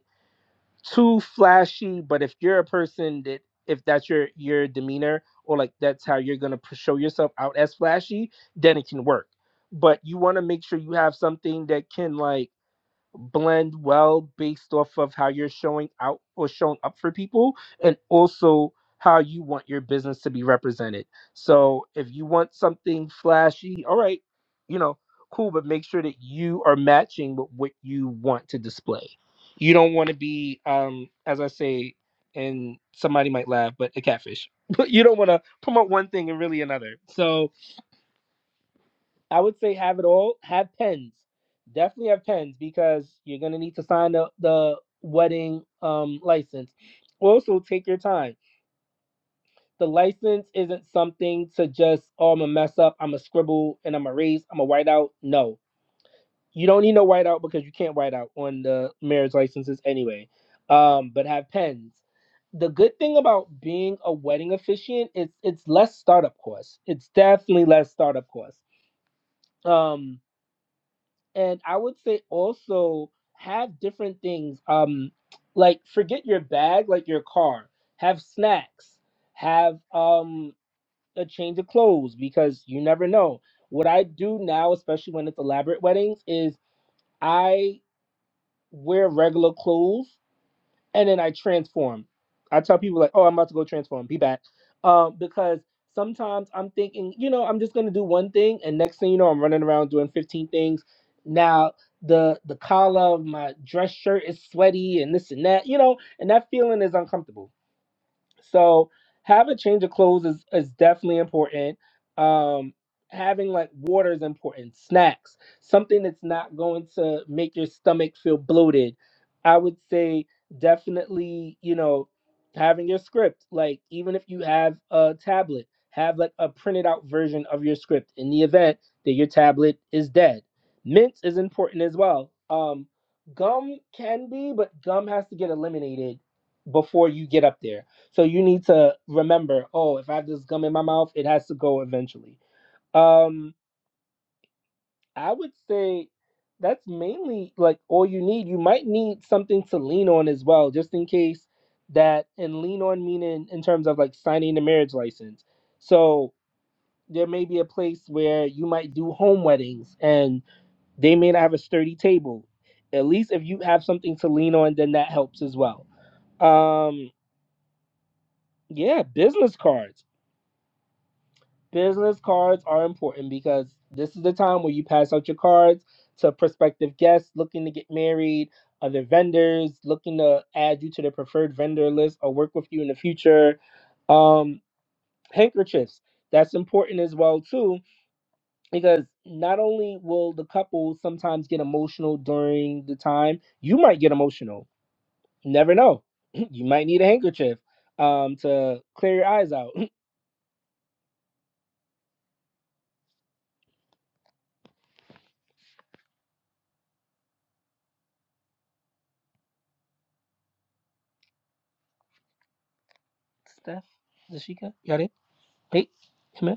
[SPEAKER 2] too flashy, but if you're a person that if that's your your demeanor or like that's how you're gonna pr- show yourself out as flashy, then it can work. But you want to make sure you have something that can like blend well based off of how you're showing out or showing up for people and also how you want your business to be represented. So if you want something flashy, all right, you know, cool, but make sure that you are matching with what you want to display. You don't want to be, um, as I say, and somebody might laugh, but a catfish. But you don't want to promote one thing and really another. So I would say have it all. Have pens. Definitely have pens because you're gonna need to sign the, the wedding um license. Also take your time. The license isn't something to just oh I'm gonna mess up, I'm gonna scribble and I'm gonna erase, I'm gonna white out. No. You don't need no white out because you can't white out on the marriage licenses anyway. Um, but have pens. The good thing about being a wedding officiant is it's less startup cost. It's definitely less startup cost. Um and I would say also have different things. Um, like forget your bag, like your car. Have snacks. Have um a change of clothes because you never know. What I do now, especially when it's elaborate weddings, is I wear regular clothes and then I transform. I tell people like, "Oh, I'm about to go transform. Be back," um, because sometimes I'm thinking, you know, I'm just gonna do one thing, and next thing you know, I'm running around doing 15 things. Now the the collar of my dress shirt is sweaty and this and that, you know, and that feeling is uncomfortable. So having a change of clothes is, is definitely important. Um, having like water is important. Snacks, something that's not going to make your stomach feel bloated. I would say definitely, you know, having your script. Like even if you have a tablet, have like a printed out version of your script in the event that your tablet is dead. Mints is important as well. Um, gum can be, but gum has to get eliminated before you get up there so you need to remember, oh, if I have this gum in my mouth, it has to go eventually. Um, I would say that's mainly like all you need. You might need something to lean on as well, just in case that and lean on meaning in terms of like signing the marriage license. So there may be a place where you might do home weddings and they may not have a sturdy table. At least if you have something to lean on, then that helps as well. Um, yeah, business cards. business cards are important because this is the time where you pass out your cards to prospective guests looking to get married, other vendors looking to add you to their preferred vendor list or work with you in the future. Um, handkerchiefs. That's important as well too because not only will the couple sometimes get emotional during the time, you might get emotional. You never know. You might need a handkerchief um to clear your eyes out. Steph, Zashika, y'all there? Hey, come here.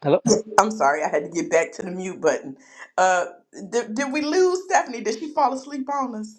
[SPEAKER 2] Hello.
[SPEAKER 3] I'm sorry, I had to get back to the mute button. Uh, did, did we lose Stephanie? Did she fall asleep on us?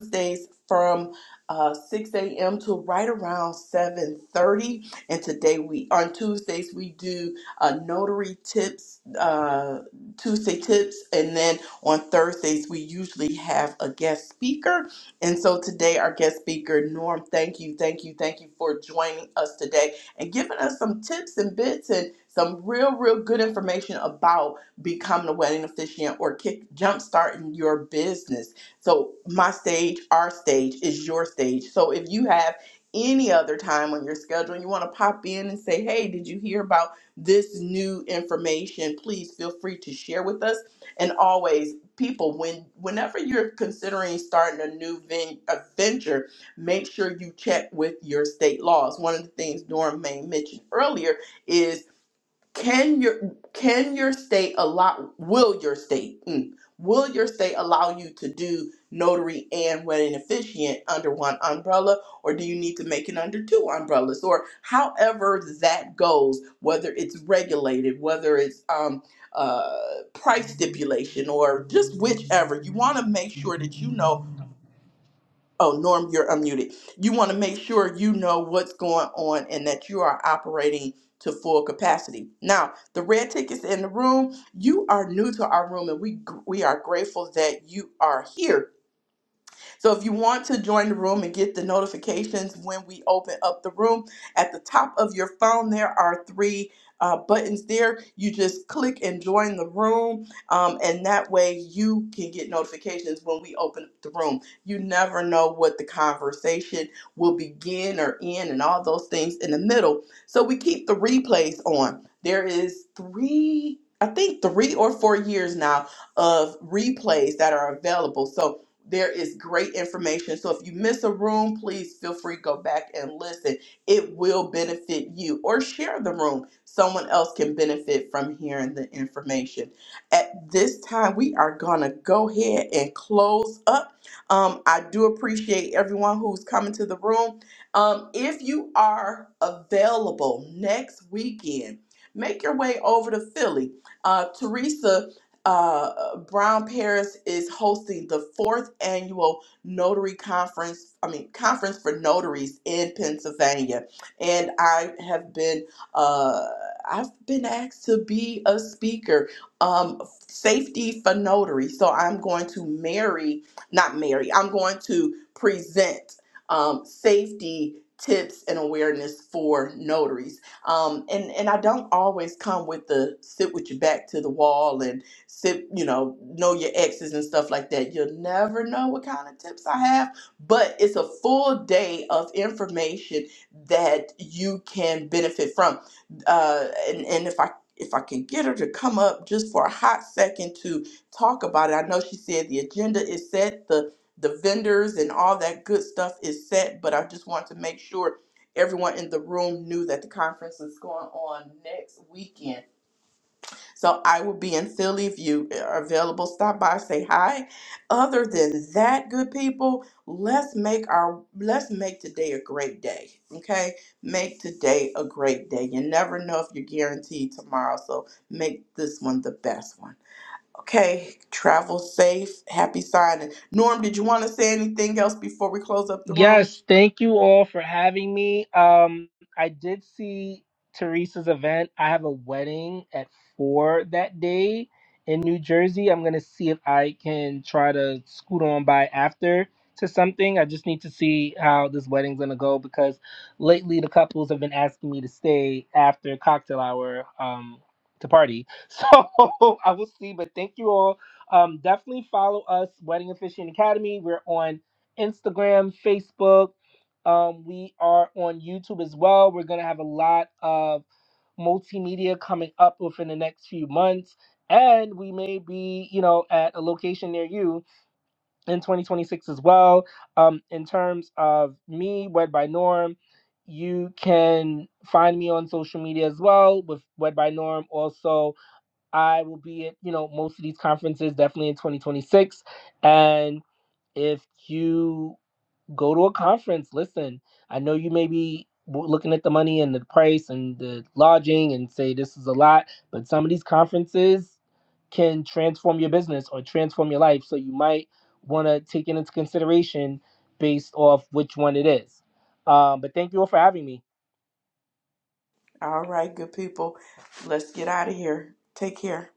[SPEAKER 3] Tuesdays from uh, 6 a.m. to right around 7:30. And today we on Tuesdays we do uh, notary tips, uh, Tuesday tips, and then on Thursdays we usually have a guest speaker. And so today our guest speaker Norm, thank you, thank you, thank you for joining us today and giving us some tips and bits and some real, real good information about becoming a wedding officiant or kick jump starting your business. So my stage, our stage is your stage. So if you have any other time on your schedule and you want to pop in and say, hey, did you hear about this new information? Please feel free to share with us. And always, people, when whenever you're considering starting a new ven- a venture, make sure you check with your state laws. One of the things Norm May mentioned earlier is can your can your state allow will your state mm, will your state allow you to do notary and wedding officiant under one umbrella or do you need to make it under two umbrellas or however that goes whether it's regulated whether it's um uh price stipulation or just whichever you want to make sure that you know Oh, Norm, you're unmuted. You want to make sure you know what's going on and that you are operating to full capacity. Now, the red tickets in the room, you are new to our room and we we are grateful that you are here so if you want to join the room and get the notifications when we open up the room, at the top of your phone, there are three uh, buttons there. You just click and join the room, um, and that way you can get notifications when we open up the room. You never know what the conversation will begin or end, and all those things in the middle. So we keep the replays on. There is three. I think three or four years now of replays that are available. So there is great information. So if you miss a room, please feel free to go back and listen. It will benefit you or share the room. Someone else can benefit from hearing the information. At this time, we are going to go ahead and close up. Um, I do appreciate everyone who's coming to the room. Um, if you are available next weekend, make your way over to Philly. Uh, Teresa uh, Brown Paris is hosting the fourth annual Notary Conference, I mean, Conference for Notaries in Pennsylvania. And I have been, uh, I've been asked to be a speaker, um, safety for notary. So I'm going to marry, not marry, I'm going to present um, safety tips and awareness for notaries. Um, and, and I don't always come with the sit with your back to the wall and sit, you know, know your exes and stuff like that. You'll never know what kind of tips I have, but it's a full day of information that you can benefit from. Uh, and, and if I if I can get her to come up just for a hot second to talk about it, I know she said the agenda is set, the the vendors and all that good stuff is set, but I just want to make sure everyone in the room knew that the conference is going on next weekend so I will be in Philly if you eh, are available. Stop by, say hi. Other than that, good people, let's make our let's make today a great day. Okay, make today a great day. You never know if you're guaranteed tomorrow, so make this one the best one. Okay, travel safe. Happy signing. Norm, did you want to say anything else before we close up the room?
[SPEAKER 2] Yes, thank you all for having me. Um, I did see Teresa's event. I have a wedding at four that day in New Jersey. I'm gonna see if I can try to scoot on by after to something. I just need to see how this wedding's gonna go because lately the couples have been asking me to stay after cocktail hour um to party. So I will see. But thank you all. Um, definitely follow us, Wedding Officiant Academy. We're on Instagram, Facebook. Um, we are on YouTube as well. We're going to have a lot of multimedia coming up within the next few months. And we may be, you know, at a location near you in 2026 as well. Um, in terms of me, Wed by Norm, you can find me on social media as well with Wed by Norm. Also, I will be at, you know, most of these conferences definitely in 2026. And if you go to a conference. Listen, I know you may be w- looking at the money and the price and the lodging and say this is a lot, but some of these conferences can transform your business or transform your life. So you might want to take it into consideration based off which one it is. Um, but thank you all for having me.
[SPEAKER 3] All right, good people. Let's get out of here. Take care.